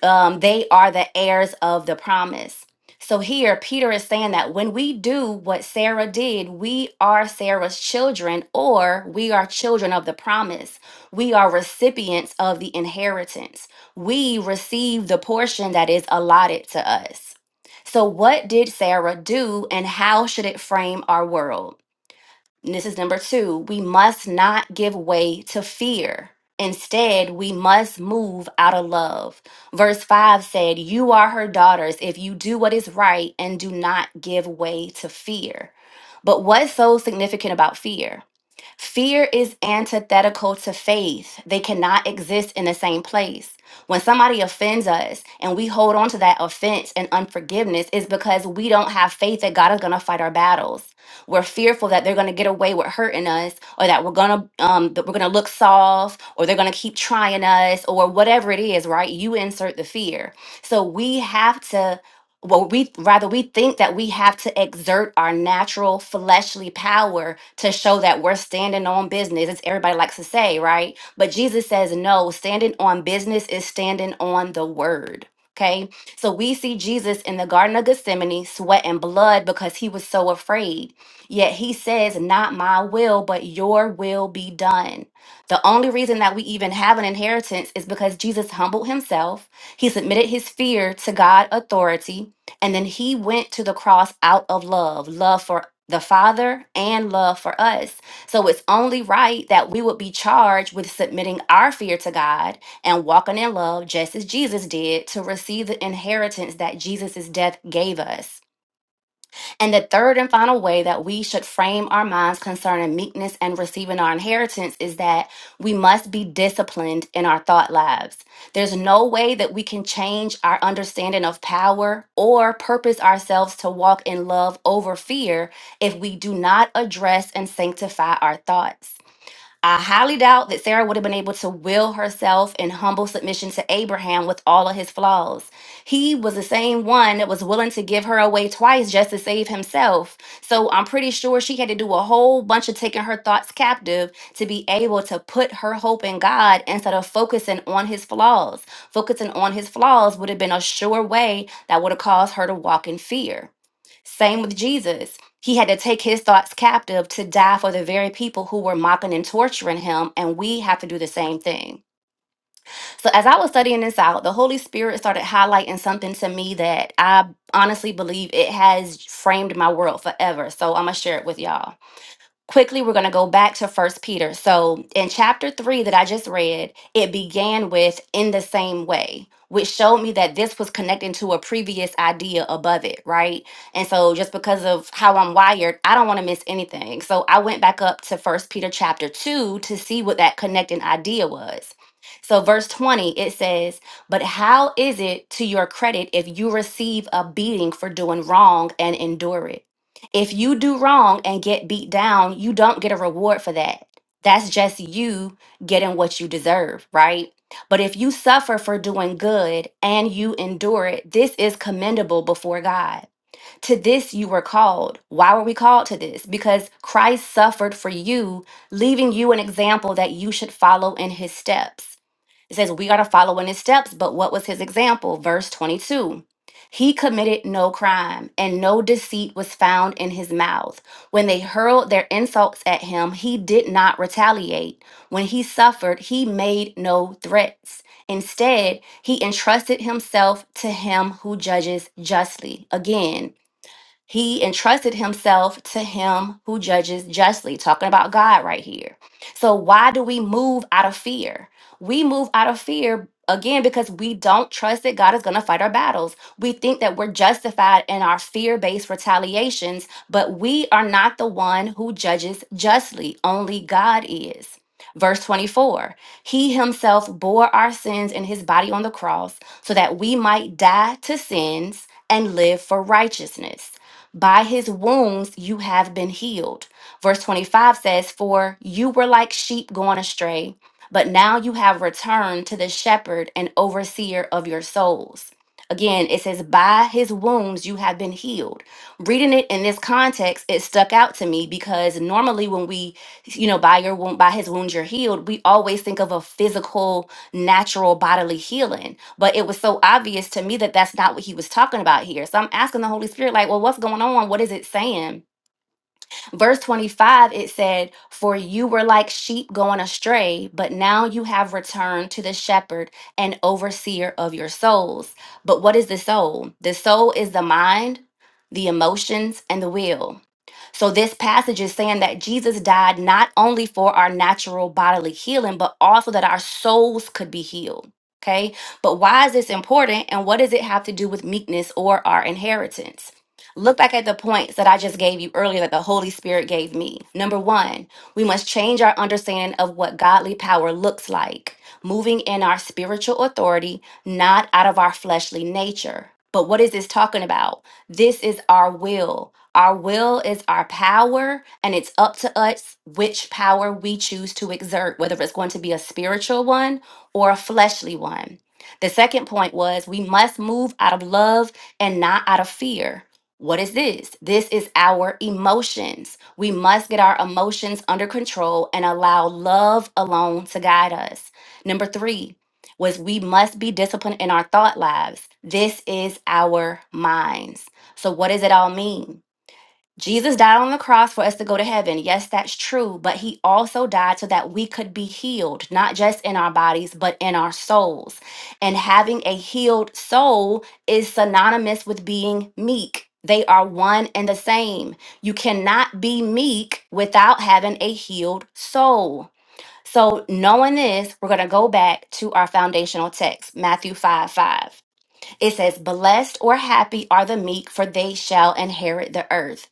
um, they are the heirs of the promise. So here, Peter is saying that when we do what Sarah did, we are Sarah's children, or we are children of the promise. We are recipients of the inheritance. We receive the portion that is allotted to us. So, what did Sarah do, and how should it frame our world? And this is number two we must not give way to fear. Instead, we must move out of love. Verse 5 said, You are her daughters if you do what is right and do not give way to fear. But what's so significant about fear? Fear is antithetical to faith. They cannot exist in the same place. When somebody offends us and we hold on to that offense and unforgiveness, is because we don't have faith that God is going to fight our battles. We're fearful that they're going to get away with hurting us, or that we're going to um, that we're going to look soft, or they're going to keep trying us, or whatever it is. Right? You insert the fear. So we have to well we rather we think that we have to exert our natural fleshly power to show that we're standing on business as everybody likes to say right but jesus says no standing on business is standing on the word okay so we see jesus in the garden of gethsemane sweat and blood because he was so afraid yet he says not my will but your will be done the only reason that we even have an inheritance is because jesus humbled himself he submitted his fear to god authority and then he went to the cross out of love, love for the Father and love for us. So it's only right that we would be charged with submitting our fear to God and walking in love, just as Jesus did, to receive the inheritance that Jesus' death gave us. And the third and final way that we should frame our minds concerning meekness and receiving our inheritance is that we must be disciplined in our thought lives. There's no way that we can change our understanding of power or purpose ourselves to walk in love over fear if we do not address and sanctify our thoughts. I highly doubt that Sarah would have been able to will herself in humble submission to Abraham with all of his flaws. He was the same one that was willing to give her away twice just to save himself. So I'm pretty sure she had to do a whole bunch of taking her thoughts captive to be able to put her hope in God instead of focusing on his flaws. Focusing on his flaws would have been a sure way that would have caused her to walk in fear. Same with Jesus. He had to take his thoughts captive to die for the very people who were mocking and torturing him, and we have to do the same thing. So, as I was studying this out, the Holy Spirit started highlighting something to me that I honestly believe it has framed my world forever. So, I'm gonna share it with y'all quickly we're going to go back to first peter so in chapter 3 that i just read it began with in the same way which showed me that this was connecting to a previous idea above it right and so just because of how i'm wired i don't want to miss anything so i went back up to first peter chapter 2 to see what that connecting idea was so verse 20 it says but how is it to your credit if you receive a beating for doing wrong and endure it if you do wrong and get beat down, you don't get a reward for that. That's just you getting what you deserve, right? But if you suffer for doing good and you endure it, this is commendable before God. To this you were called. Why were we called to this? Because Christ suffered for you, leaving you an example that you should follow in his steps. It says we are to follow in his steps, but what was his example? Verse 22. He committed no crime, and no deceit was found in his mouth. When they hurled their insults at him, he did not retaliate. When he suffered, he made no threats. Instead, he entrusted himself to him who judges justly. Again, he entrusted himself to him who judges justly, talking about God right here. So, why do we move out of fear? We move out of fear again because we don't trust that God is going to fight our battles. We think that we're justified in our fear based retaliations, but we are not the one who judges justly, only God is. Verse 24, he himself bore our sins in his body on the cross so that we might die to sins and live for righteousness. By his wounds you have been healed. Verse 25 says, For you were like sheep going astray, but now you have returned to the shepherd and overseer of your souls. Again, it says, By his wounds you have been healed. Reading it in this context, it stuck out to me because normally when we, you know, by your wound, by his wounds you're healed, we always think of a physical natural bodily healing. But it was so obvious to me that that's not what he was talking about here. So I'm asking the Holy Spirit, like, well, what's going on? What is it saying? Verse 25, it said, For you were like sheep going astray, but now you have returned to the shepherd and overseer of your souls. But what is the soul? The soul is the mind, the emotions, and the will. So, this passage is saying that Jesus died not only for our natural bodily healing, but also that our souls could be healed. Okay. But why is this important? And what does it have to do with meekness or our inheritance? Look back at the points that I just gave you earlier that the Holy Spirit gave me. Number one, we must change our understanding of what godly power looks like, moving in our spiritual authority, not out of our fleshly nature. But what is this talking about? This is our will. Our will is our power, and it's up to us which power we choose to exert, whether it's going to be a spiritual one or a fleshly one. The second point was we must move out of love and not out of fear. What is this? This is our emotions. We must get our emotions under control and allow love alone to guide us. Number three was we must be disciplined in our thought lives. This is our minds. So, what does it all mean? Jesus died on the cross for us to go to heaven. Yes, that's true. But he also died so that we could be healed, not just in our bodies, but in our souls. And having a healed soul is synonymous with being meek. They are one and the same. You cannot be meek without having a healed soul. So, knowing this, we're going to go back to our foundational text, Matthew 5 5. It says, Blessed or happy are the meek, for they shall inherit the earth.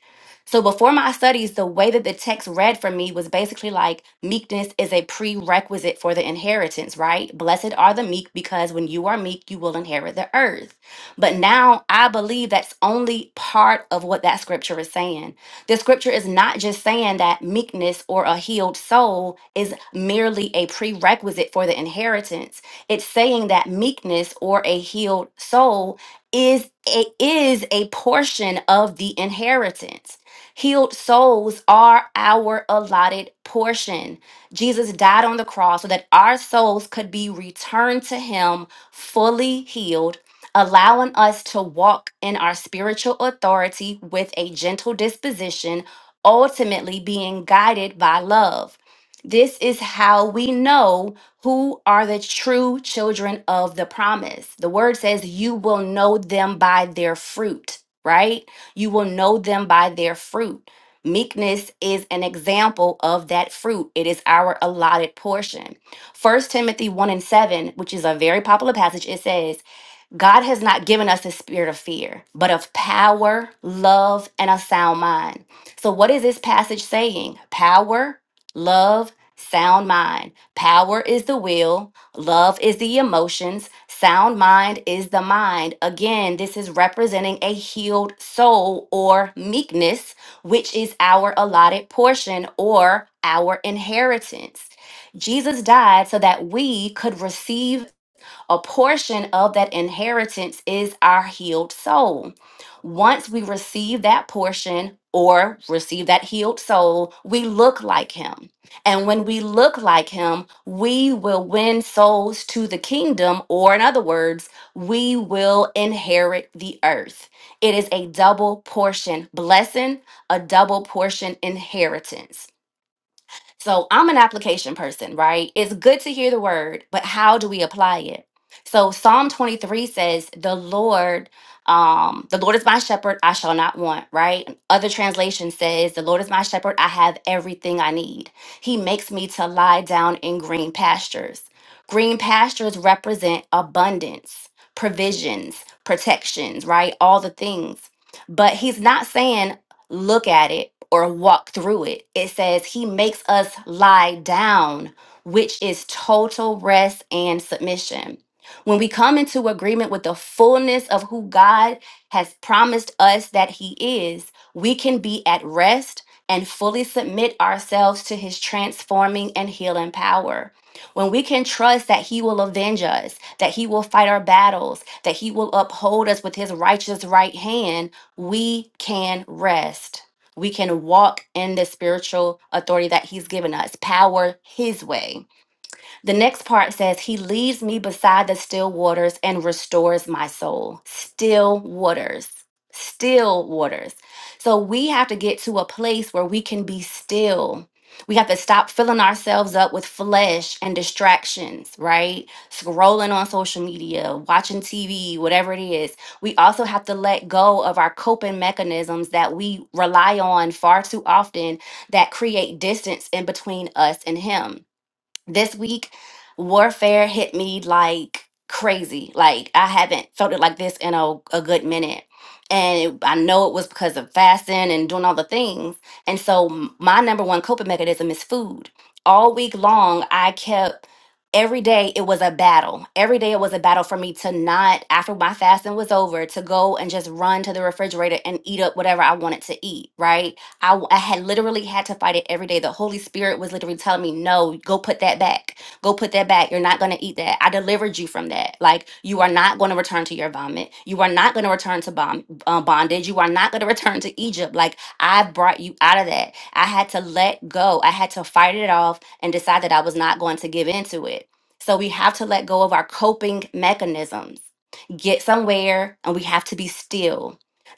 So before my studies, the way that the text read for me was basically like meekness is a prerequisite for the inheritance, right? Blessed are the meek because when you are meek, you will inherit the earth. But now I believe that's only part of what that scripture is saying. The scripture is not just saying that meekness or a healed soul is merely a prerequisite for the inheritance it's saying that meekness or a healed soul is a, is a portion of the inheritance. Healed souls are our allotted portion. Jesus died on the cross so that our souls could be returned to him fully healed, allowing us to walk in our spiritual authority with a gentle disposition, ultimately being guided by love. This is how we know who are the true children of the promise. The word says, You will know them by their fruit, right? You will know them by their fruit. Meekness is an example of that fruit. It is our allotted portion. First Timothy 1 and 7, which is a very popular passage, it says, God has not given us a spirit of fear, but of power, love, and a sound mind. So, what is this passage saying? Power, love, sound mind. Power is the will, love is the emotions, sound mind is the mind. Again, this is representing a healed soul or meekness, which is our allotted portion or our inheritance. Jesus died so that we could receive a portion of that inheritance is our healed soul. Once we receive that portion or receive that healed soul, we look like him. And when we look like him, we will win souls to the kingdom, or in other words, we will inherit the earth. It is a double portion blessing, a double portion inheritance. So I'm an application person, right? It's good to hear the word, but how do we apply it? So Psalm 23 says, "The Lord, um, the Lord is my shepherd; I shall not want." Right? Other translation says, "The Lord is my shepherd; I have everything I need. He makes me to lie down in green pastures." Green pastures represent abundance, provisions, protections, right? All the things. But he's not saying look at it or walk through it. It says he makes us lie down, which is total rest and submission. When we come into agreement with the fullness of who God has promised us that he is, we can be at rest and fully submit ourselves to his transforming and healing power. When we can trust that he will avenge us, that he will fight our battles, that he will uphold us with his righteous right hand, we can rest. We can walk in the spiritual authority that He's given us, power His way. The next part says, He leads me beside the still waters and restores my soul. Still waters. Still waters. So we have to get to a place where we can be still. We have to stop filling ourselves up with flesh and distractions, right? Scrolling on social media, watching TV, whatever it is. We also have to let go of our coping mechanisms that we rely on far too often that create distance in between us and Him this week warfare hit me like crazy like i haven't felt it like this in a, a good minute and it- i know it was because of fasting and doing all the things and so m- my number one coping mechanism is food all week long i kept every day it was a battle every day it was a battle for me to not after my fasting was over to go and just run to the refrigerator and eat up whatever i wanted to eat right I I had literally had to fight it every day. The Holy Spirit was literally telling me, no, go put that back. Go put that back. You're not going to eat that. I delivered you from that. Like, you are not going to return to your vomit. You are not going to return to bom- uh, bondage. You are not going to return to Egypt. Like, I brought you out of that. I had to let go. I had to fight it off and decide that I was not going to give into it. So we have to let go of our coping mechanisms, get somewhere, and we have to be still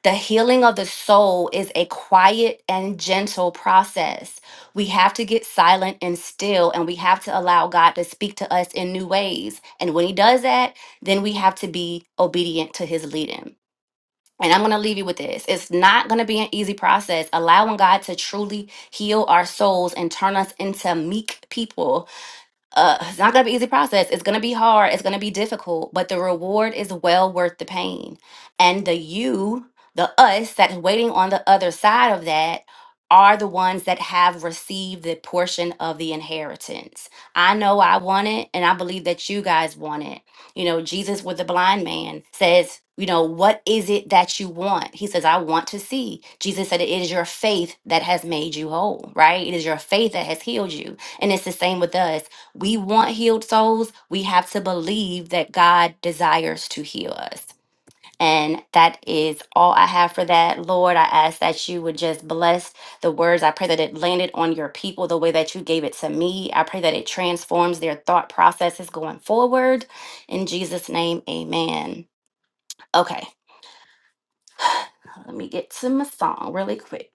the healing of the soul is a quiet and gentle process. We have to get silent and still, and we have to allow God to speak to us in new ways. And when He does that, then we have to be obedient to His leading. And I'm going to leave you with this. It's not going to be an easy process. Allowing God to truly heal our souls and turn us into meek people uh, it's not going to be easy process. It's going to be hard. It's going to be difficult, but the reward is well worth the pain. And the you, the us that's waiting on the other side of that are the ones that have received the portion of the inheritance. I know I want it, and I believe that you guys want it. You know, Jesus with the blind man says, you know, what is it that you want? He says, I want to see. Jesus said, it is your faith that has made you whole, right? It is your faith that has healed you. And it's the same with us we want healed souls, we have to believe that God desires to heal us. And that is all I have for that. Lord, I ask that you would just bless the words. I pray that it landed on your people the way that you gave it to me. I pray that it transforms their thought processes going forward. In Jesus' name, amen. Okay, let me get to my song really quick.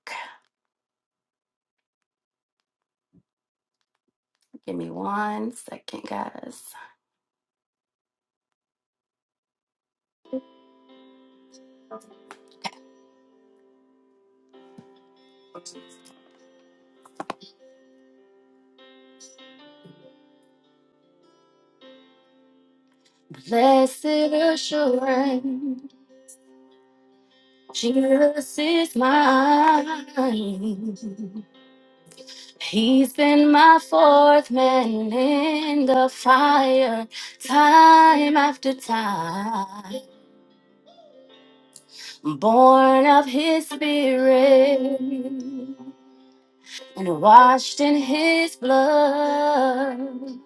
Give me one second, guys. Blessed assurance. Jesus is mine. He's been my fourth man in the fire, time after time. Born of his spirit and washed in his blood.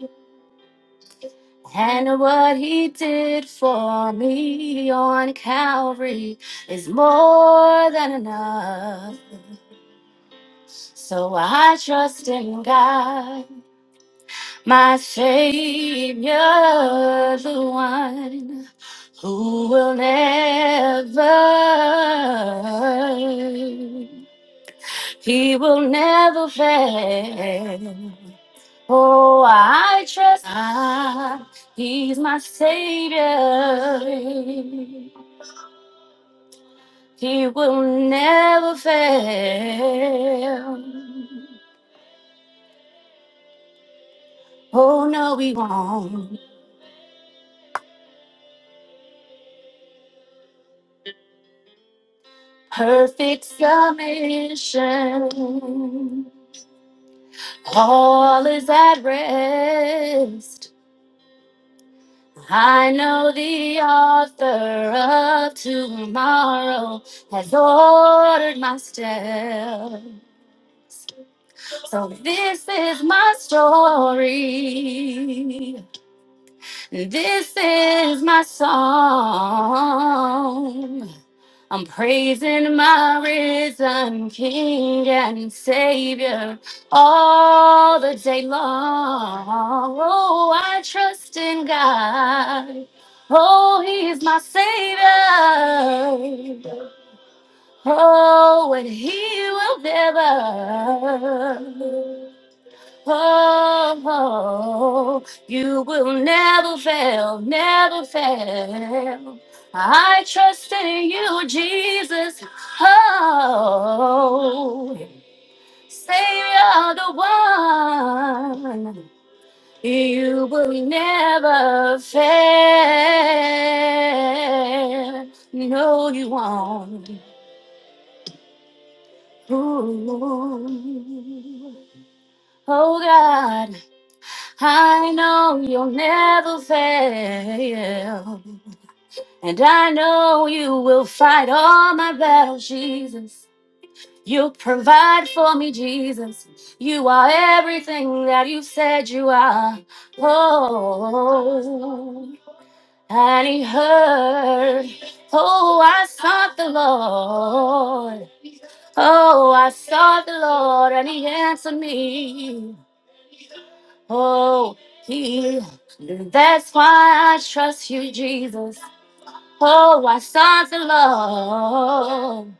And what he did for me on Calvary is more than enough. So I trust in God. My Savior, the one who will never, he will never fail. Oh, I trust God, he's my Savior. He will never fail. Oh, no, he won't. Perfect submission. All is at rest. I know the author of tomorrow has ordered my step. So this is my story. This is my song. I'm praising my risen King and Savior all the day long. Oh, I trust in God. Oh, He is my Savior. Oh, and He will never. Oh, you will never fail, never fail. I trust in you, Jesus. Oh, Savior, the one. You will never fail. No, you won't. Ooh. Oh, God. I know you'll never fail. And I know you will fight all my battles, Jesus. You provide for me, Jesus. You are everything that you said you are. Oh, and he heard. Oh, I sought the Lord. Oh, I sought the Lord, and he answered me. Oh, he, that's why I trust you, Jesus. Oh, I sought the Lord.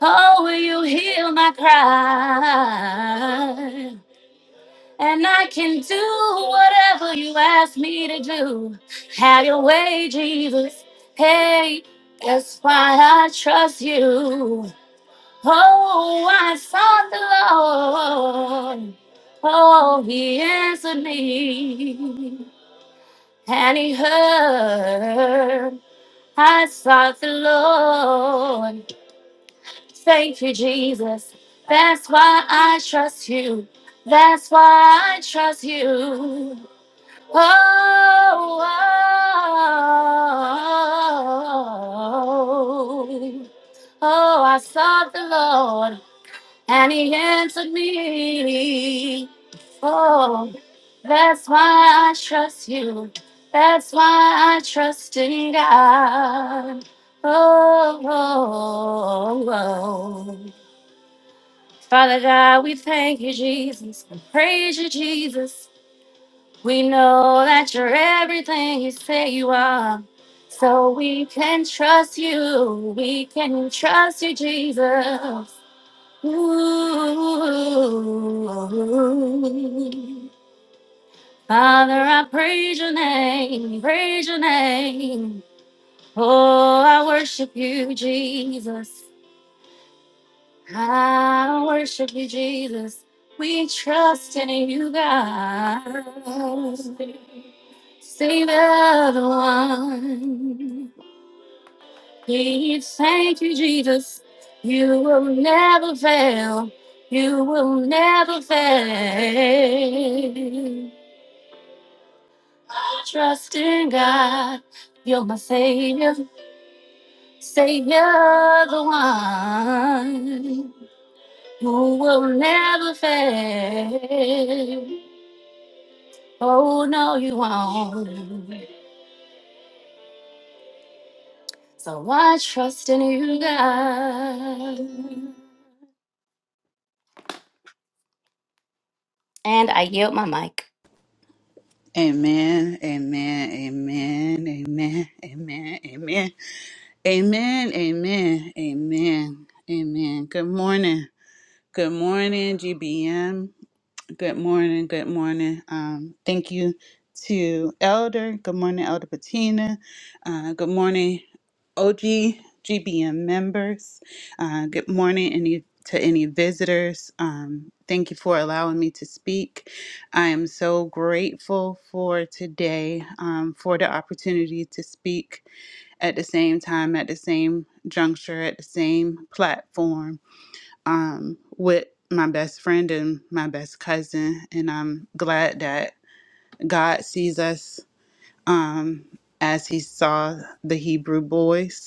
Oh, will you hear my cry? And I can do whatever you ask me to do. Have your way, Jesus. Hey, that's why I trust you. Oh, I sought the Lord. Oh, he answered me. And he heard, I sought the Lord. Thank you, Jesus. That's why I trust you. That's why I trust you. Oh, oh, oh, oh oh, I sought the Lord and he answered me. Oh, that's why I trust you. That's why I trust in God. Oh, oh, oh. Father God, we thank you, Jesus. We praise you, Jesus. We know that you're everything you say you are. So we can trust you. We can trust you, Jesus. Ooh. Father, I praise your name, praise your name. Oh, I worship you, Jesus. I worship you, Jesus. We trust in you, God. Save everyone. Please, thank you, Jesus. You will never fail. You will never fail. Trust in God. You're my Savior, Savior, the one who will never fail. Oh, no, you won't. So I trust in you, God. Amen, amen, amen, amen, amen, amen, amen, amen, amen, amen. Good morning. Good morning, GBM. Good morning. Good morning. Um, thank you to Elder. Good morning, Elder Patina. Uh, good morning, OG GBM members. Uh, good morning, any to any visitors. Um, thank you for allowing me to speak. I am so grateful for today, um, for the opportunity to speak at the same time, at the same juncture, at the same platform um, with my best friend and my best cousin. And I'm glad that God sees us um, as He saw the Hebrew boys.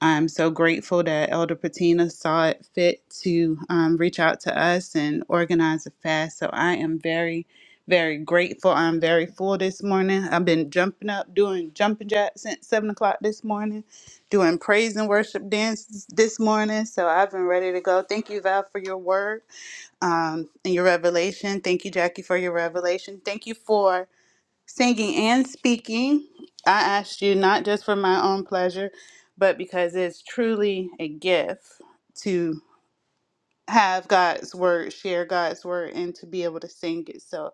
I'm so grateful that Elder Patina saw it fit to um, reach out to us and organize a fast. So I am very, very grateful. I'm very full this morning. I've been jumping up, doing jumping jacks since 7 o'clock this morning, doing praise and worship dances this morning. So I've been ready to go. Thank you, Val, for your word um, and your revelation. Thank you, Jackie, for your revelation. Thank you for singing and speaking. I asked you not just for my own pleasure, but because it's truly a gift to have God's word, share God's word, and to be able to sing it. So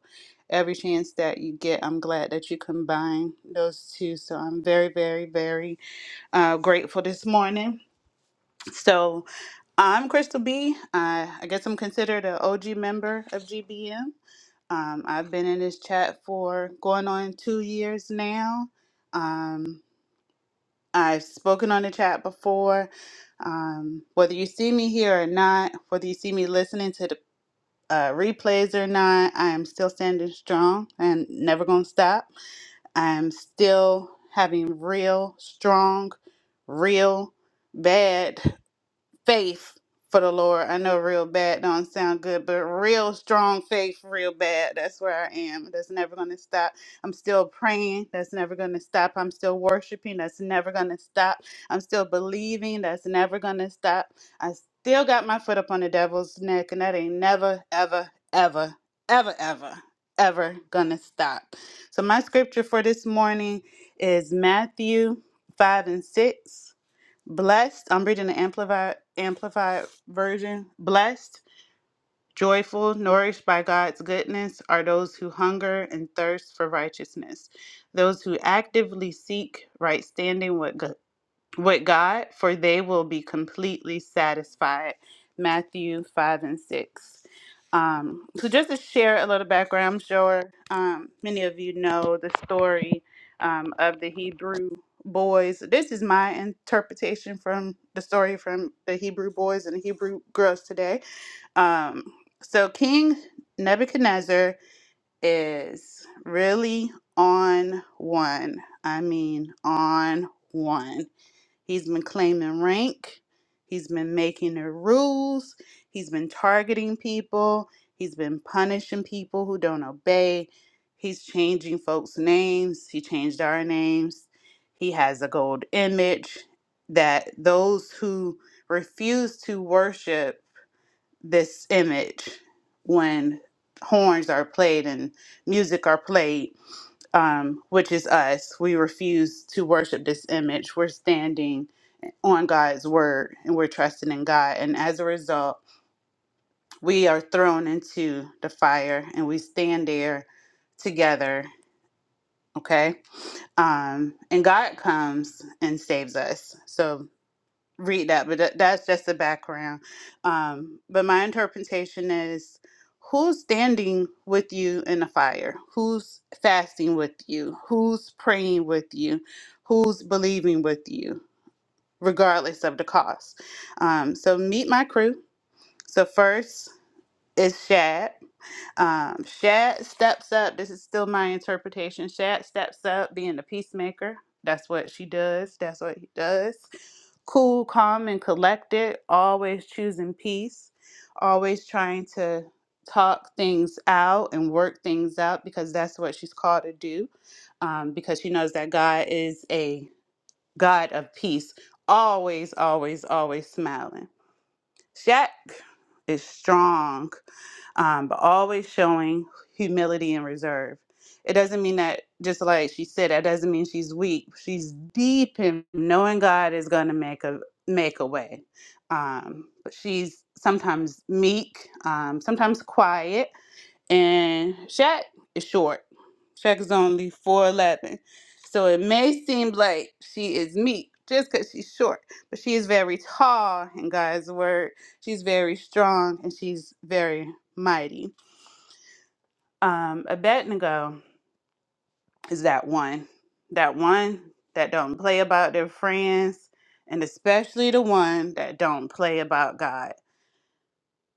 every chance that you get, I'm glad that you combine those two. So I'm very, very, very uh, grateful this morning. So I'm Crystal B. I, I guess I'm considered an OG member of GBM. Um, I've been in this chat for going on two years now. Um, I've spoken on the chat before. Um, whether you see me here or not, whether you see me listening to the uh, replays or not, I am still standing strong and never going to stop. I am still having real, strong, real, bad faith for the Lord. I know real bad don't sound good, but real strong faith, real bad. That's where I am. That's never going to stop. I'm still praying. That's never going to stop. I'm still worshiping. That's never going to stop. I'm still believing. That's never going to stop. I still got my foot up on the devil's neck, and that ain't never, ever, ever, ever, ever, ever going to stop. So, my scripture for this morning is Matthew 5 and 6. Blessed, I'm reading the amplified amplified version. Blessed, joyful, nourished by God's goodness are those who hunger and thirst for righteousness, those who actively seek right standing with God with God, for they will be completely satisfied. Matthew 5 and 6. Um, so, just to share a little background, I'm sure um, many of you know the story um, of the Hebrew boys. This is my interpretation from the story from the Hebrew boys and the Hebrew girls today. Um, so, King Nebuchadnezzar is really on one. I mean, on one He's been claiming rank. He's been making the rules. He's been targeting people. He's been punishing people who don't obey. He's changing folks' names. He changed our names. He has a gold image that those who refuse to worship this image when horns are played and music are played um, which is us we refuse to worship this image we're standing on God's word and we're trusting in God. And as a result, we are thrown into the fire and we stand there together. Okay. Um, and God comes and saves us. So read that, but that, that's just the background. Um, but my interpretation is who's standing with you in the fire? Who's fasting with you? Who's praying with you? Who's believing with you? regardless of the cost. Um, so meet my crew. So first is Shad. Um, Shad steps up. This is still my interpretation. Shad steps up, being a peacemaker. That's what she does. That's what he does. Cool, calm, and collected. Always choosing peace. Always trying to talk things out and work things out because that's what she's called to do. Um, because she knows that God is a God of peace, always, always, always smiling. Shaq is strong, um, but always showing humility and reserve. It doesn't mean that, just like she said, that doesn't mean she's weak. She's deep in knowing God is going to make a make a way. Um, but she's sometimes meek, um, sometimes quiet, and Shaq is short. Shaq is only 4'11. So it may seem like she is meek just because she's short, but she is very tall in God's word. She's very strong and she's very mighty. Um, Abednego is that one, that one that don't play about their friends, and especially the one that don't play about God.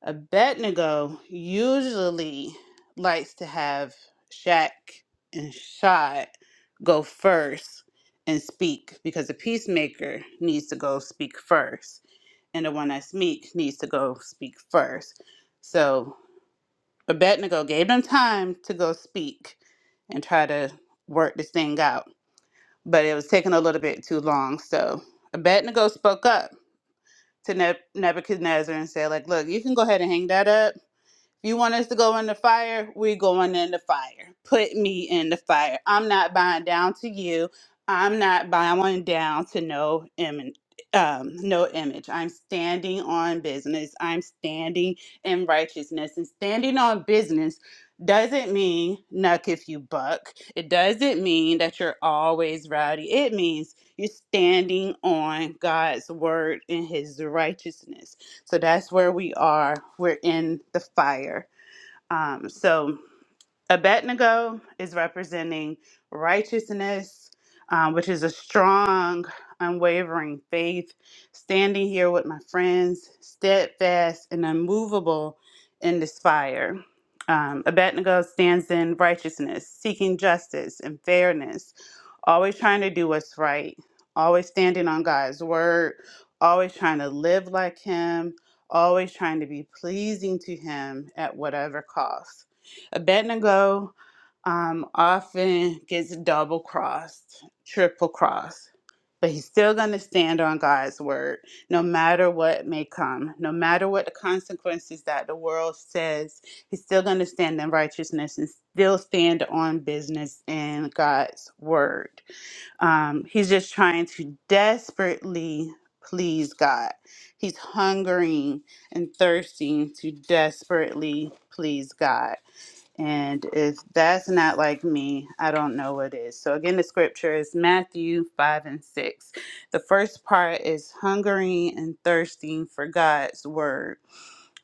Abednego usually likes to have Shaq and Shad go first and speak because the peacemaker needs to go speak first, and the one that's meek needs to go speak first. So Abednego gave them time to go speak and try to work this thing out, but it was taking a little bit too long. So Abednego spoke up to Neb- Nebuchadnezzar and said, "Like, look, you can go ahead and hang that up." If you want us to go in the fire, we are going in the fire. Put me in the fire. I'm not buying down to you. I'm not bowing down to no im- um, no image. I'm standing on business. I'm standing in righteousness. And standing on business doesn't mean nuck if you buck. It doesn't mean that you're always rowdy. It means you're standing on God's word and his righteousness so that's where we are. We're in the fire. Um, so Abednego is representing righteousness, um, which is a strong, unwavering faith, standing here with my friends, steadfast and unmovable in this fire. Um, Abednego stands in righteousness, seeking justice and fairness, always trying to do what's right, always standing on God's word, always trying to live like Him, always trying to be pleasing to Him at whatever cost. Abednego um, often gets double crossed, triple crossed, but he's still going to stand on God's word no matter what may come, no matter what the consequences that the world says, he's still going to stand in righteousness and still stand on business in God's word um, he's just trying to desperately please God. He's hungering and thirsting to desperately please God. And if that's not like me, I don't know what is. So, again, the scripture is Matthew 5 and 6. The first part is hungering and thirsting for God's word.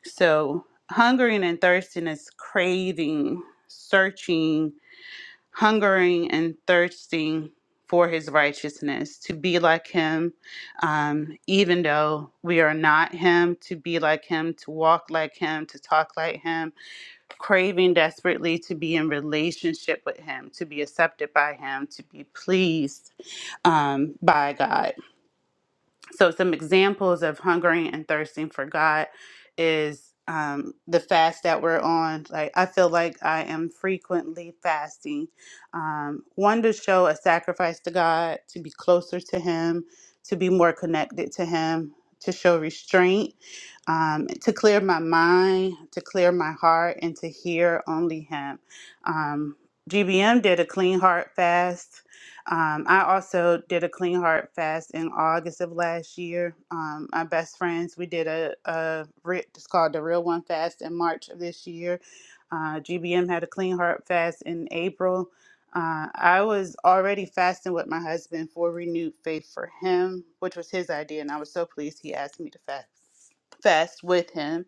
So, hungering and thirsting is craving, searching, hungering and thirsting for his righteousness, to be like him, um, even though we are not him, to be like him, to walk like him, to talk like him craving desperately to be in relationship with him to be accepted by him to be pleased um, by god so some examples of hungering and thirsting for god is um, the fast that we're on like i feel like i am frequently fasting um, one to show a sacrifice to god to be closer to him to be more connected to him to show restraint um, to clear my mind, to clear my heart, and to hear only Him. Um, GBM did a clean heart fast. Um, I also did a clean heart fast in August of last year. Um, my best friends, we did a, a re- it's called the Real One Fast in March of this year. Uh, GBM had a clean heart fast in April. Uh, I was already fasting with my husband for renewed faith for him, which was his idea, and I was so pleased he asked me to fast fast with him,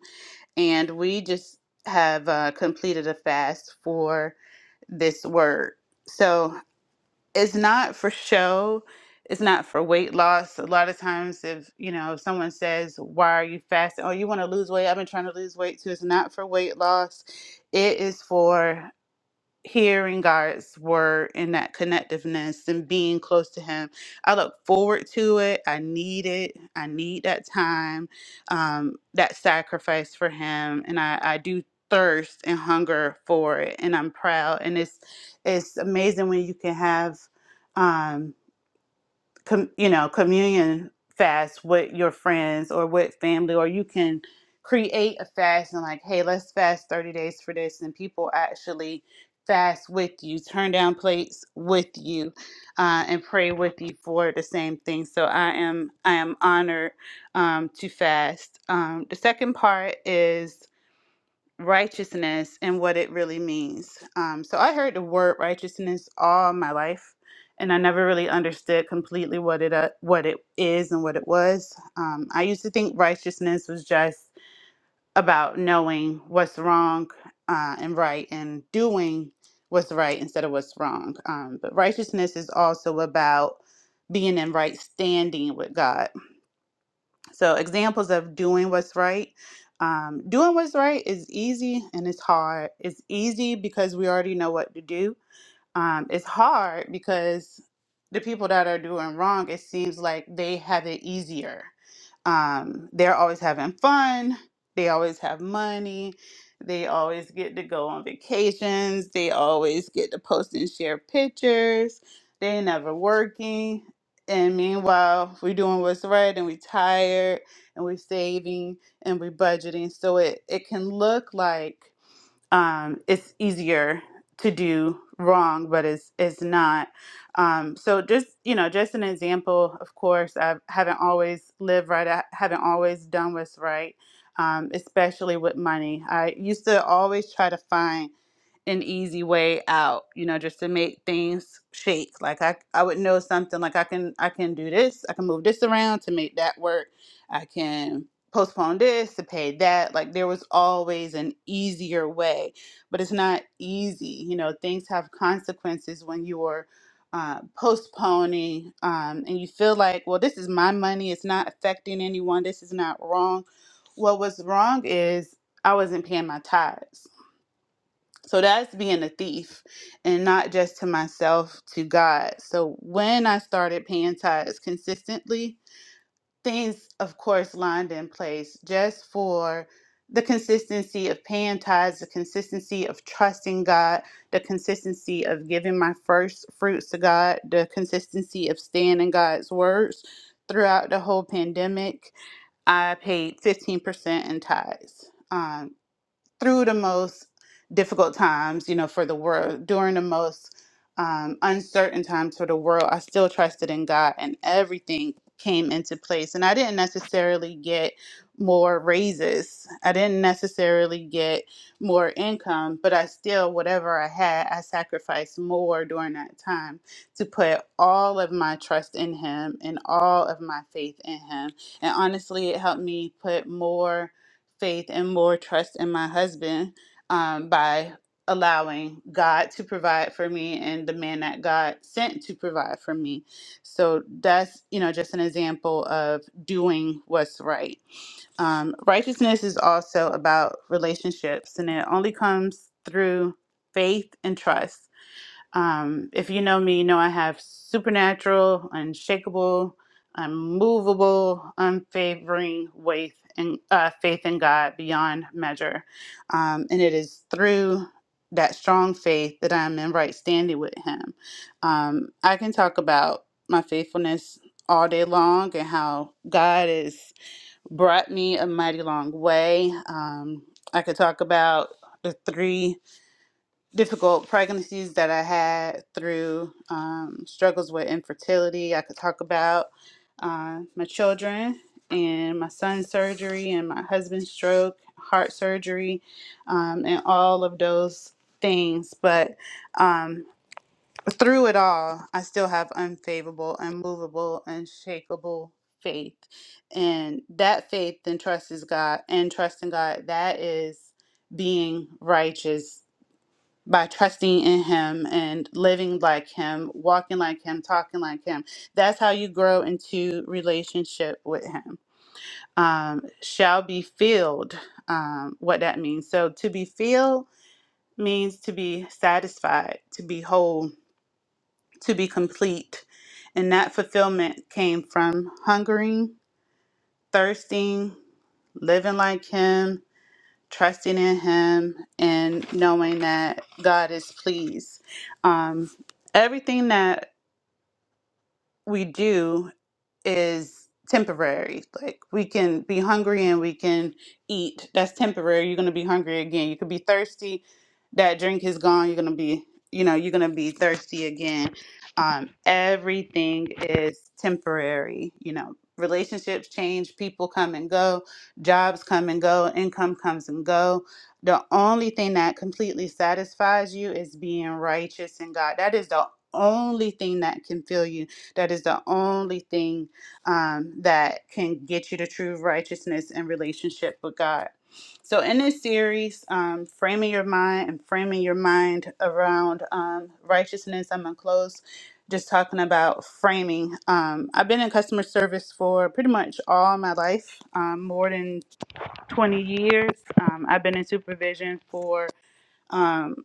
and we just have uh, completed a fast for this word. So it's not for show. It's not for weight loss. A lot of times, if you know, if someone says, "Why are you fasting?" Oh, "You want to lose weight?" I've been trying to lose weight too. It's not for weight loss. It is for hearing God's word and that connectiveness and being close to Him. I look forward to it. I need it. I need that time, um, that sacrifice for Him, and I, I do thirst and hunger for it. And I'm proud. And it's it's amazing when you can have. um, com, you know communion fast with your friends or with family or you can create a fast and like hey let's fast 30 days for this and people actually fast with you turn down plates with you uh, and pray with you for the same thing so i am i am honored um, to fast um, the second part is righteousness and what it really means. Um, so I heard the word righteousness all my life, and I never really understood completely what it uh, what it is and what it was. Um, I used to think righteousness was just about knowing what's wrong uh, and right and doing what's right instead of what's wrong. Um, but righteousness is also about being in right standing with God so, examples of doing what's right. Um, doing what's right is easy and it's hard. It's easy because we already know what to do um, it's hard because the people that are doing wrong, it seems like they have it easier. Um, they're always having fun. They always have money. They always get to go on vacations. They always get to post and share pictures. They never working. And meanwhile, we're doing what's right and we're tired and we're saving and we're budgeting. So it, it can look like um, it's easier to do wrong, but it's it's not. Um, so just you know, just an example. Of course, I haven't always lived right. I haven't always done what's right, um, especially with money. I used to always try to find an easy way out, you know, just to make things shake. Like I, I would know something like I can I can do this, I can move this around to make that work. I can postpone this to pay that. Like there was always an easier way, but it's not easy. You know, things have consequences when you are uh, postponing um, and you feel like, well, this is my money. It's not affecting anyone. This is not wrong. What was wrong is I wasn't paying my tithes so that's being a thief and not just to myself, to God. So when I started paying tithes consistently, things, of course, lined in place just for the consistency of paying tithes, the consistency of trusting God, the consistency of giving my first fruits to God, the consistency of staying in God's words throughout the whole pandemic. I paid 15% in tithes. um, through the most difficult times, you know, for the world, during the most um, uncertain times for the world, I still trusted in God and everything came into place. And I didn't necessarily get more raises, I didn't necessarily get more income, but I still, whatever I had, I sacrificed more during that time to put all of my trust in Him and all of my faith in Him. And honestly, it helped me put more faith and more trust in my husband um, by allowing God to provide for me and the man that God sent to provide for me. So that's, you know, just an example of doing what's right. Um, righteousness is also about relationships, and it only comes through faith and trust. Um, if you know me, you know I have supernatural, unshakable, unmovable, unfavoring faith and uh, faith in God beyond measure. Um, and it is through that strong faith that I'm in right standing with Him. Um, I can talk about my faithfulness all day long and how God has brought me a mighty long way. Um, I could talk about the three difficult pregnancies that I had through um, struggles with infertility. I could talk about uh, my children and my son's surgery and my husband's stroke, heart surgery, um, and all of those things. But um, through it all, I still have unfavorable, unmovable, unshakable faith. And that faith and trust is God and trust in God, that is being righteous by trusting in him and living like him, walking like him, talking like him. That's how you grow into relationship with him. Um, shall be filled, um, what that means. So to be filled means to be satisfied, to be whole, to be complete. And that fulfillment came from hungering, thirsting, living like him, trusting in Him and knowing that God is pleased. Um, everything that we do is temporary. Like we can be hungry and we can eat. That's temporary. You're gonna be hungry again. You could be thirsty. That drink is gone. You're gonna be, you know, you're gonna be thirsty again. Um, everything is temporary. You know, relationships change. People come and go. Jobs come and go. Income comes and go. The only thing that completely satisfies you is being righteous in God. That is the only thing that can fill you. That is the only thing um, that can get you to true righteousness and relationship with God. So, in this series, um, framing your mind and framing your mind around um, righteousness, I'm gonna close just talking about framing. Um, I've been in customer service for pretty much all my life, um, more than 20 years. Um, I've been in supervision for um,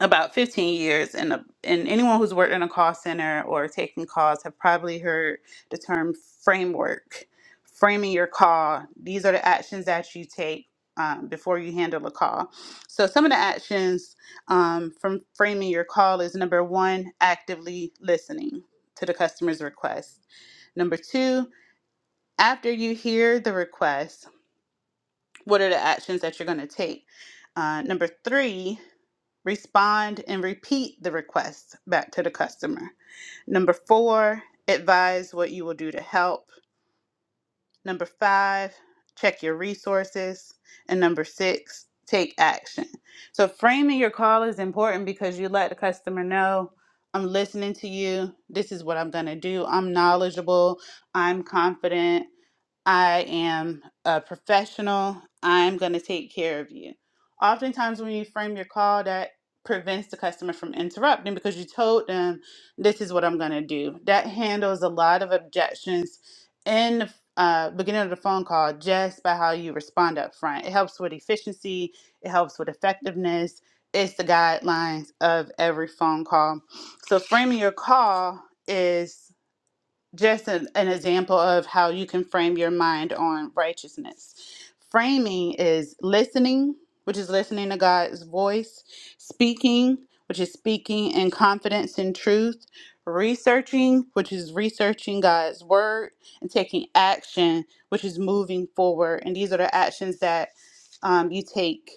about 15 years and a, and anyone who's worked in a call center or taking calls have probably heard the term framework framing your call these are the actions that you take um, before you handle a call so some of the actions um, from framing your call is number one actively listening to the customer's request number two after you hear the request what are the actions that you're going to take uh, number three Respond and repeat the request back to the customer. Number four, advise what you will do to help. Number five, check your resources. And number six, take action. So, framing your call is important because you let the customer know I'm listening to you. This is what I'm going to do. I'm knowledgeable. I'm confident. I am a professional. I'm going to take care of you. Oftentimes, when you frame your call, that prevents the customer from interrupting because you told them, This is what I'm going to do. That handles a lot of objections in the uh, beginning of the phone call just by how you respond up front. It helps with efficiency, it helps with effectiveness. It's the guidelines of every phone call. So, framing your call is just an, an example of how you can frame your mind on righteousness. Framing is listening, which is listening to God's voice, speaking, which is speaking in confidence and truth, researching, which is researching God's word, and taking action, which is moving forward. And these are the actions that um, you take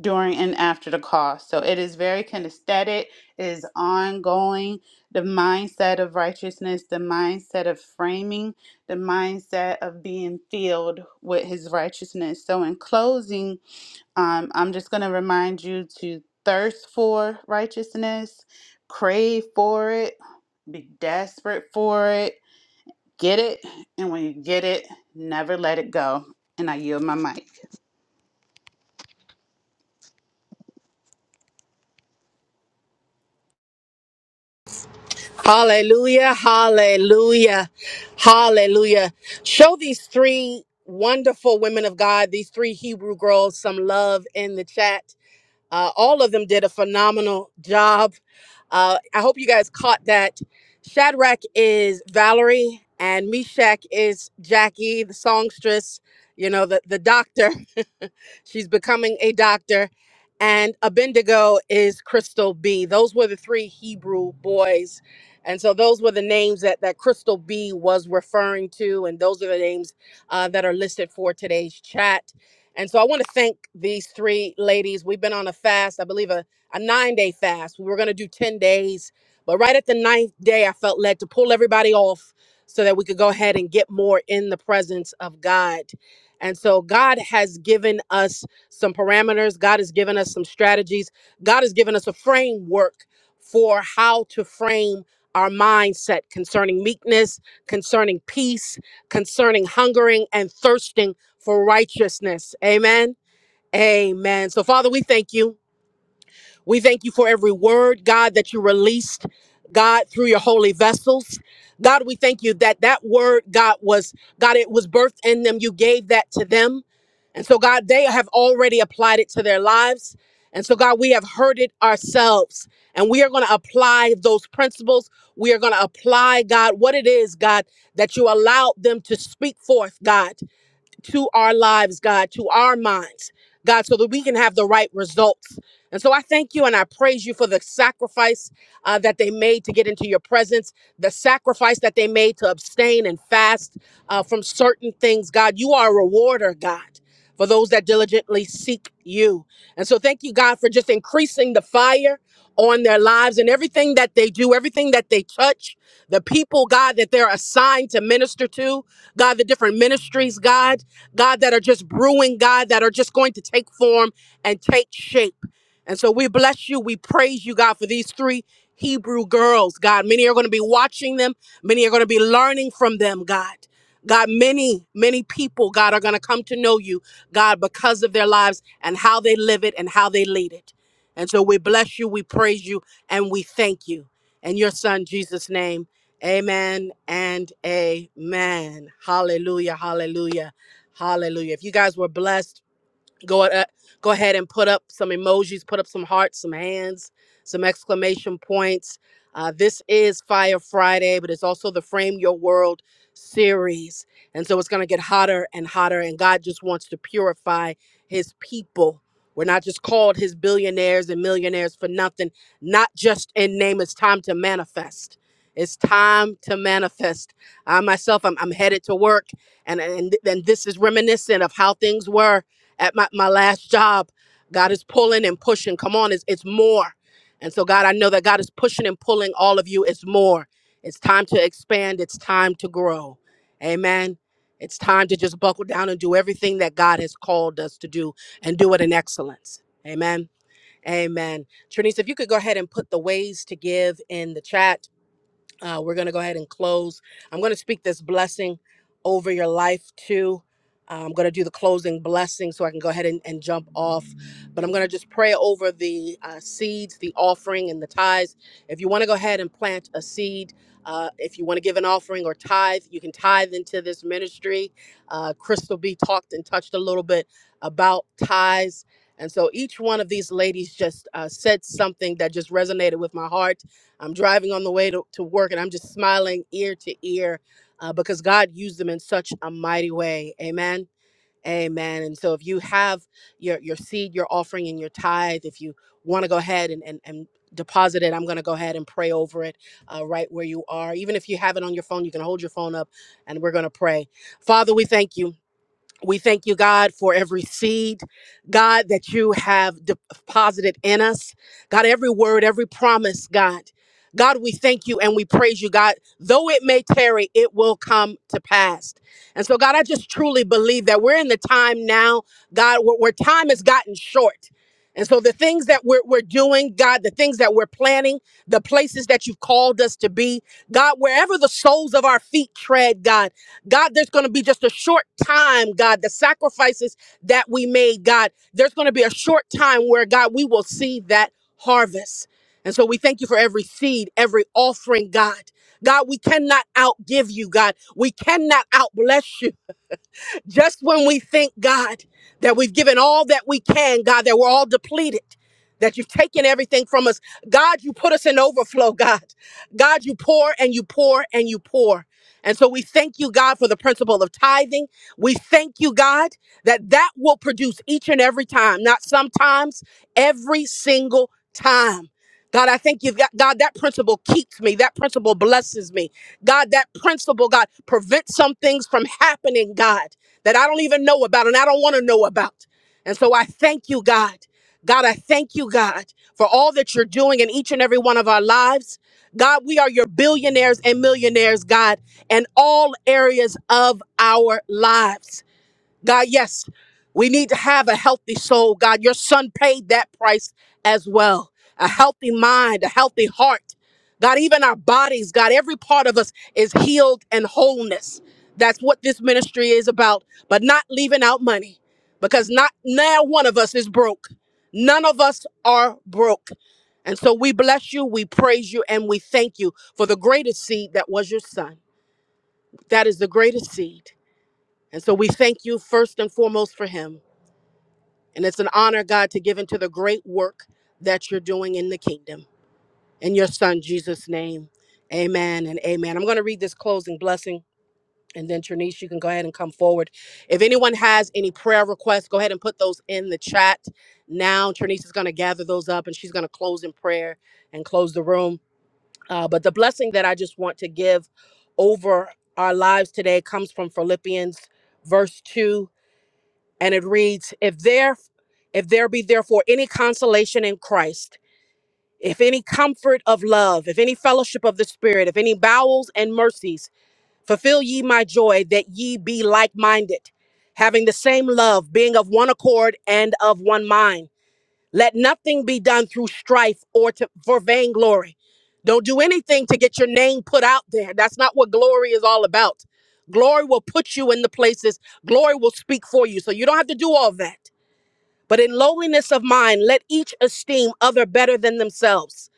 during and after the call. So it is very kinesthetic, it is ongoing the mindset of righteousness, the mindset of framing, the mindset of being filled with his righteousness. So, in closing, um, I'm just going to remind you to thirst for righteousness, crave for it, be desperate for it, get it, and when you get it, never let it go. And I yield my mic. Hallelujah, hallelujah, hallelujah. Show these three wonderful women of God, these three Hebrew girls, some love in the chat. Uh, all of them did a phenomenal job. Uh, I hope you guys caught that. Shadrach is Valerie, and Meshach is Jackie, the songstress, you know, the, the doctor. She's becoming a doctor. And Abednego is Crystal B. Those were the three Hebrew boys. And so those were the names that, that Crystal B was referring to. And those are the names uh, that are listed for today's chat. And so I want to thank these three ladies. We've been on a fast, I believe a, a nine day fast. We were going to do 10 days, but right at the ninth day, I felt led to pull everybody off so that we could go ahead and get more in the presence of God. And so God has given us some parameters, God has given us some strategies, God has given us a framework for how to frame our mindset concerning meekness, concerning peace, concerning hungering and thirsting for righteousness. Amen. Amen. So, Father, we thank you. We thank you for every word, God, that you released, God, through your holy vessels. God, we thank you that that word, God, was, God, it was birthed in them. You gave that to them. And so, God, they have already applied it to their lives. And so, God, we have heard it ourselves. And we are going to apply those principles. We are going to apply, God, what it is, God, that you allowed them to speak forth, God to our lives, God, to our minds, God, so that we can have the right results. And so I thank you and I praise you for the sacrifice uh, that they made to get into your presence, the sacrifice that they made to abstain and fast uh, from certain things. God, you are a rewarder, God, for those that diligently seek you. And so thank you, God, for just increasing the fire on their lives and everything that they do, everything that they touch, the people, God, that they're assigned to minister to, God, the different ministries, God. God, that are just brewing, God, that are just going to take form and take shape. And so we bless you. We praise you, God, for these three Hebrew girls, God. Many are going to be watching them, many are going to be learning from them, God. God, many, many people, God, are going to come to know you, God, because of their lives and how they live it and how they lead it. And so we bless you, we praise you, and we thank you. In your son, Jesus' name, amen and amen. Hallelujah, hallelujah. Hallelujah. If you guys were blessed, go a- go ahead and put up some emojis, put up some hearts, some hands, some exclamation points. Uh, this is Fire Friday, but it's also the Frame Your World series, and so it's going to get hotter and hotter. And God just wants to purify His people. We're not just called His billionaires and millionaires for nothing. Not just in name. It's time to manifest. It's time to manifest. I myself, I'm, I'm headed to work, and and, and this is reminiscent of how things were at my, my last job, God is pulling and pushing. Come on, it's, it's more. And so, God, I know that God is pushing and pulling all of you. It's more. It's time to expand. It's time to grow. Amen. It's time to just buckle down and do everything that God has called us to do and do it in excellence. Amen. Amen. Trinice, if you could go ahead and put the ways to give in the chat. Uh, we're going to go ahead and close. I'm going to speak this blessing over your life too. Uh, I'm going to do the closing blessing so I can go ahead and, and jump off. But I'm going to just pray over the uh, seeds, the offering, and the tithes. If you want to go ahead and plant a seed, uh, if you want to give an offering or tithe, you can tithe into this ministry. Uh, Crystal B talked and touched a little bit about tithes. And so each one of these ladies just uh, said something that just resonated with my heart I'm driving on the way to, to work and I'm just smiling ear to ear uh, because God used them in such a mighty way. Amen. Amen. And so if you have your, your seed, your offering, and your tithe, if you want to go ahead and, and, and deposit it, I'm going to go ahead and pray over it uh, right where you are. Even if you have it on your phone, you can hold your phone up and we're going to pray. Father, we thank you. We thank you, God, for every seed, God, that you have deposited in us. God, every word, every promise, God. God, we thank you and we praise you, God. Though it may tarry, it will come to pass. And so, God, I just truly believe that we're in the time now, God, where, where time has gotten short. And so, the things that we're, we're doing, God, the things that we're planning, the places that you've called us to be, God, wherever the soles of our feet tread, God. God, there's going to be just a short time, God, the sacrifices that we made, God, there's going to be a short time where, God, we will see that harvest. And so we thank you for every seed, every offering, God. God, we cannot outgive you, God. We cannot outbless you. Just when we think, God, that we've given all that we can, God, that we're all depleted, that you've taken everything from us, God, you put us in overflow, God. God, you pour and you pour and you pour. And so we thank you, God, for the principle of tithing. We thank you, God, that that will produce each and every time, not sometimes, every single time. God, I thank you, God, God, that principle keeps me. That principle blesses me. God, that principle, God, prevents some things from happening, God that I don't even know about and I don't want to know about. And so I thank you, God. God, I thank you, God, for all that you're doing in each and every one of our lives. God, we are your billionaires and millionaires, God, in all areas of our lives. God, yes, we need to have a healthy soul. God, your son paid that price as well. A healthy mind, a healthy heart. God, even our bodies, God, every part of us is healed and wholeness. That's what this ministry is about, but not leaving out money because not now one of us is broke. None of us are broke. And so we bless you, we praise you, and we thank you for the greatest seed that was your son. That is the greatest seed. And so we thank you first and foremost for him. And it's an honor, God, to give into the great work that you're doing in the kingdom. In your son, Jesus' name, amen and amen. I'm going to read this closing blessing. And then, Trinice, you can go ahead and come forward. If anyone has any prayer requests, go ahead and put those in the chat now. Trinice is going to gather those up and she's going to close in prayer and close the room. Uh, but the blessing that I just want to give over our lives today comes from Philippians, verse 2 and it reads if there if there be therefore any consolation in christ if any comfort of love if any fellowship of the spirit if any bowels and mercies fulfill ye my joy that ye be like-minded having the same love being of one accord and of one mind let nothing be done through strife or to, for vainglory don't do anything to get your name put out there that's not what glory is all about glory will put you in the places glory will speak for you so you don't have to do all that but in lowliness of mind, let each esteem other better than themselves.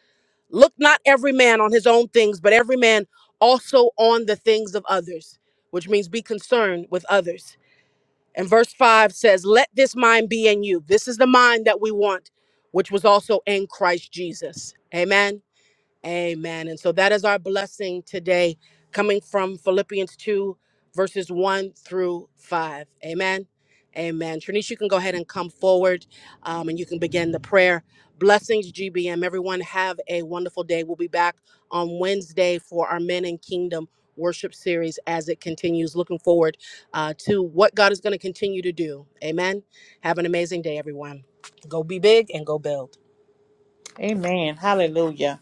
Look not every man on his own things, but every man also on the things of others, which means be concerned with others. And verse 5 says, Let this mind be in you. This is the mind that we want, which was also in Christ Jesus. Amen. Amen. And so that is our blessing today, coming from Philippians 2, verses 1 through 5. Amen. Amen. Trinice, you can go ahead and come forward um, and you can begin the prayer. Blessings, GBM. Everyone, have a wonderful day. We'll be back on Wednesday for our Men in Kingdom worship series as it continues. Looking forward uh, to what God is going to continue to do. Amen. Have an amazing day, everyone. Go be big and go build. Amen. Hallelujah.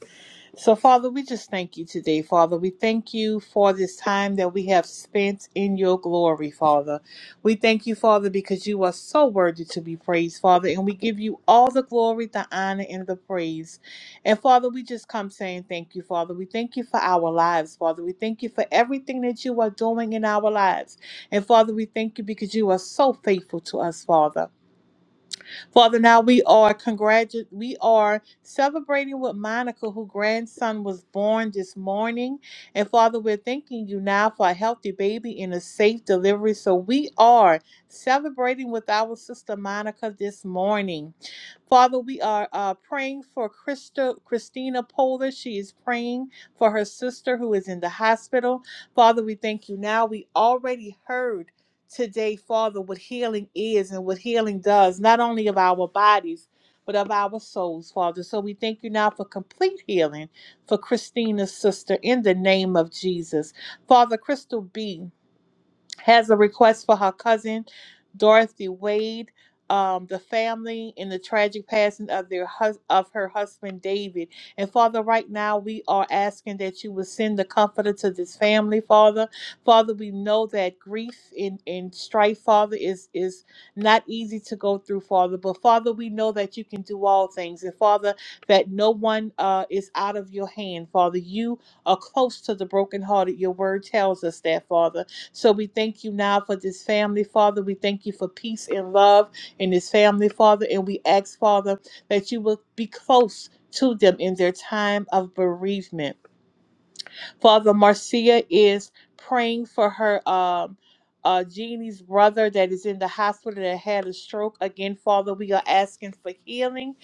So, Father, we just thank you today, Father. We thank you for this time that we have spent in your glory, Father. We thank you, Father, because you are so worthy to be praised, Father, and we give you all the glory, the honor, and the praise. And, Father, we just come saying thank you, Father. We thank you for our lives, Father. We thank you for everything that you are doing in our lives. And, Father, we thank you because you are so faithful to us, Father. Father, now we are congratu- we are celebrating with Monica, whose grandson was born this morning. And Father, we're thanking you now for a healthy baby and a safe delivery. So we are celebrating with our sister Monica this morning. Father, we are uh, praying for Christa, Christina Polar. She is praying for her sister who is in the hospital. Father, we thank you now. We already heard today, Father, what healing is and what healing does, not only of our bodies, but of our souls, Father. So we thank you now for complete healing for Christina's sister in the name of Jesus. Father, Crystal B has a request for her cousin, Dorothy Wade, um, the family, and the tragic passing of their hus- of her husband David. And Father, right now we are asking that you would send the comforter to this family, Father. Father, we know that grief and, and strife, Father, is is not easy to go through, Father. But Father, we know that you can do all things, and Father, that no one uh, is out of your hand, Father. You are close to the brokenhearted. Your word tells us that, Father. So we thank you now for this family, Father. We thank you for peace and love in this family, Father. And we ask, Father, that you will be close to them in their time of bereavement. Father, Marcia is praying for her um uh Jeannie's brother that is in the hospital that had a stroke. Again, Father, we are asking for healing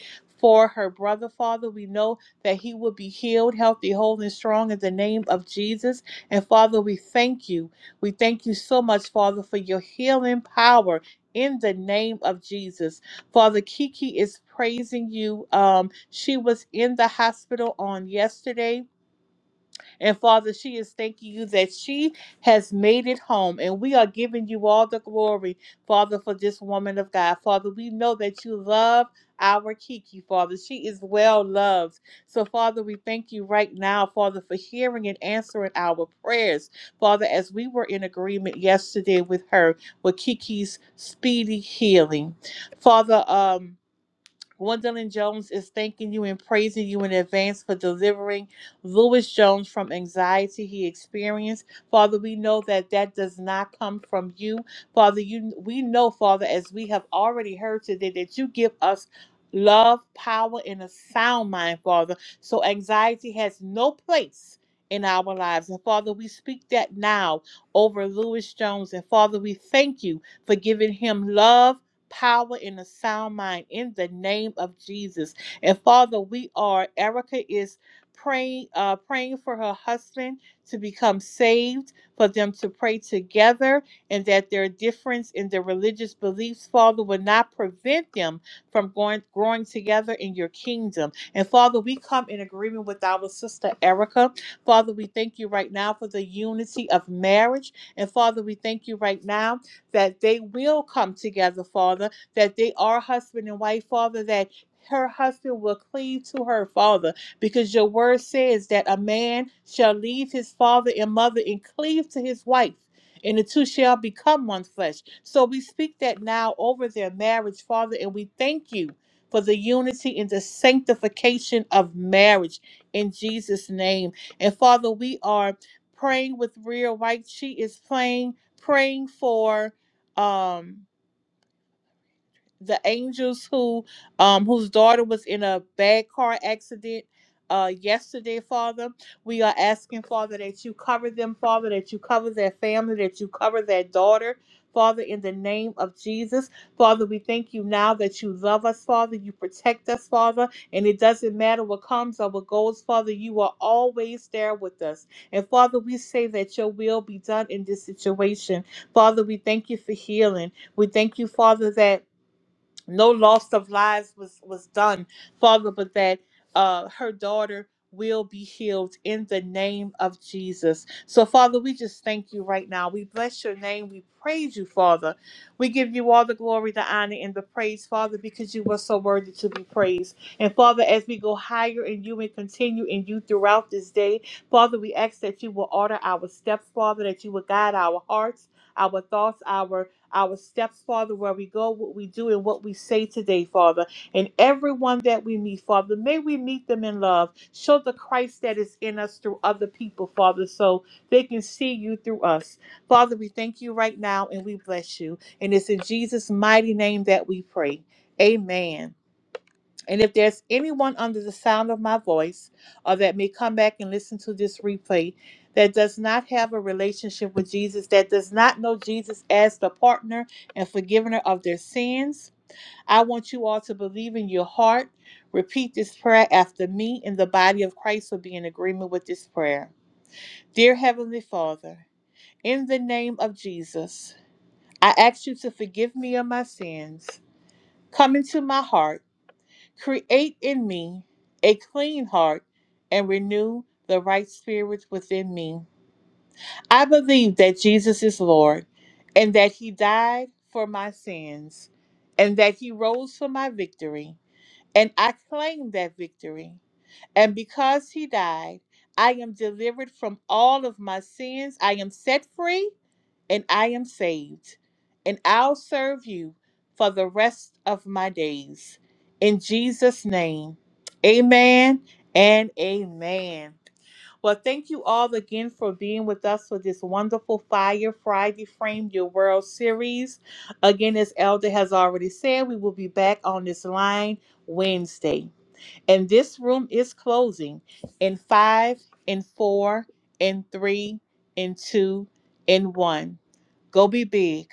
for her brother, Father. We know that he will be healed, healthy, whole, and strong in the name of Jesus. And Father, we thank you. We thank you so much, Father, for your healing power in the name of Jesus. Father, Kiki is praising you. Um, she was in the hospital on yesterday and Father, she is thanking you that she has made it home. And we are giving you all the glory, Father, for this woman of God. Father, we know that you love our Kiki, Father. She is well loved. So, Father, we thank you right now, Father, for hearing and answering our prayers. Father, as we were in agreement yesterday with her, with Kiki's speedy healing. Father, um, Gwendolyn Jones is thanking you and praising you in advance for delivering Lewis Jones from anxiety he experienced. Father, we know that that does not come from you. Father, you we know, Father, as we have already heard today, that you give us love, power, and a sound mind, Father. So anxiety has no place in our lives. And Father, we speak that now over Lewis Jones. And Father, we thank you for giving him love power and a sound mind in the name of Jesus. And Father, we are Erica is praying uh praying for her husband to become saved, for them to pray together and that their difference in their religious beliefs, Father, will not prevent them from going growing together in your kingdom. And Father, we come in agreement with our sister Erica. Father, we thank you right now for the unity of marriage. And Father, we thank you right now that they will come together, Father, that they are husband and wife, Father, that her husband will cleave to her father because your word says that a man shall leave his father and mother and cleave to his wife and the two shall become one flesh so we speak that now over their marriage father and we thank you for the unity and the sanctification of marriage in jesus name and father we are praying with real White. she is praying praying for um, the angels who um whose daughter was in a bad car accident uh yesterday father we are asking father that you cover them father that you cover their family that you cover their daughter father in the name of jesus father we thank you now that you love us father you protect us father and it doesn't matter what comes or what goes father you are always there with us and father we say that your will be done in this situation father we thank you for healing we thank you father that no loss of lives was was done father but that uh her daughter will be healed in the name of jesus so father we just thank you right now we bless your name we praise you father we give you all the glory the honor and the praise father because you are so worthy to be praised and father as we go higher in you and continue in you throughout this day father we ask that you will order our steps father that you will guide our hearts our thoughts our our steps, Father, where we go, what we do, and what we say today, Father. And everyone that we meet, Father, may we meet them in love. Show the Christ that is in us through other people, Father, so they can see you through us. Father, we thank you right now and we bless you. And it's in Jesus' mighty name that we pray. Amen. And if there's anyone under the sound of my voice or that may come back and listen to this replay that does not have a relationship with Jesus, that does not know Jesus as the partner and forgiver of their sins, I want you all to believe in your heart. Repeat this prayer after me, and the body of Christ will be in agreement with this prayer. Dear Heavenly Father, in the name of Jesus, I ask you to forgive me of my sins. Come into my heart Create in me a clean heart and renew the right spirit within me. I believe that Jesus is Lord and that he died for my sins and that he rose for my victory. And I claim that victory. And because he died, I am delivered from all of my sins. I am set free and I am saved, and I'll serve you for the rest of my days. In Jesus' name, amen and amen. Well, thank you all again for being with us for this wonderful Fire Friday Frame Your World series. Again, as Elder has already said, we will be back on this line Wednesday. And this room is closing in five, in four, in three, in two, in one. Go be big.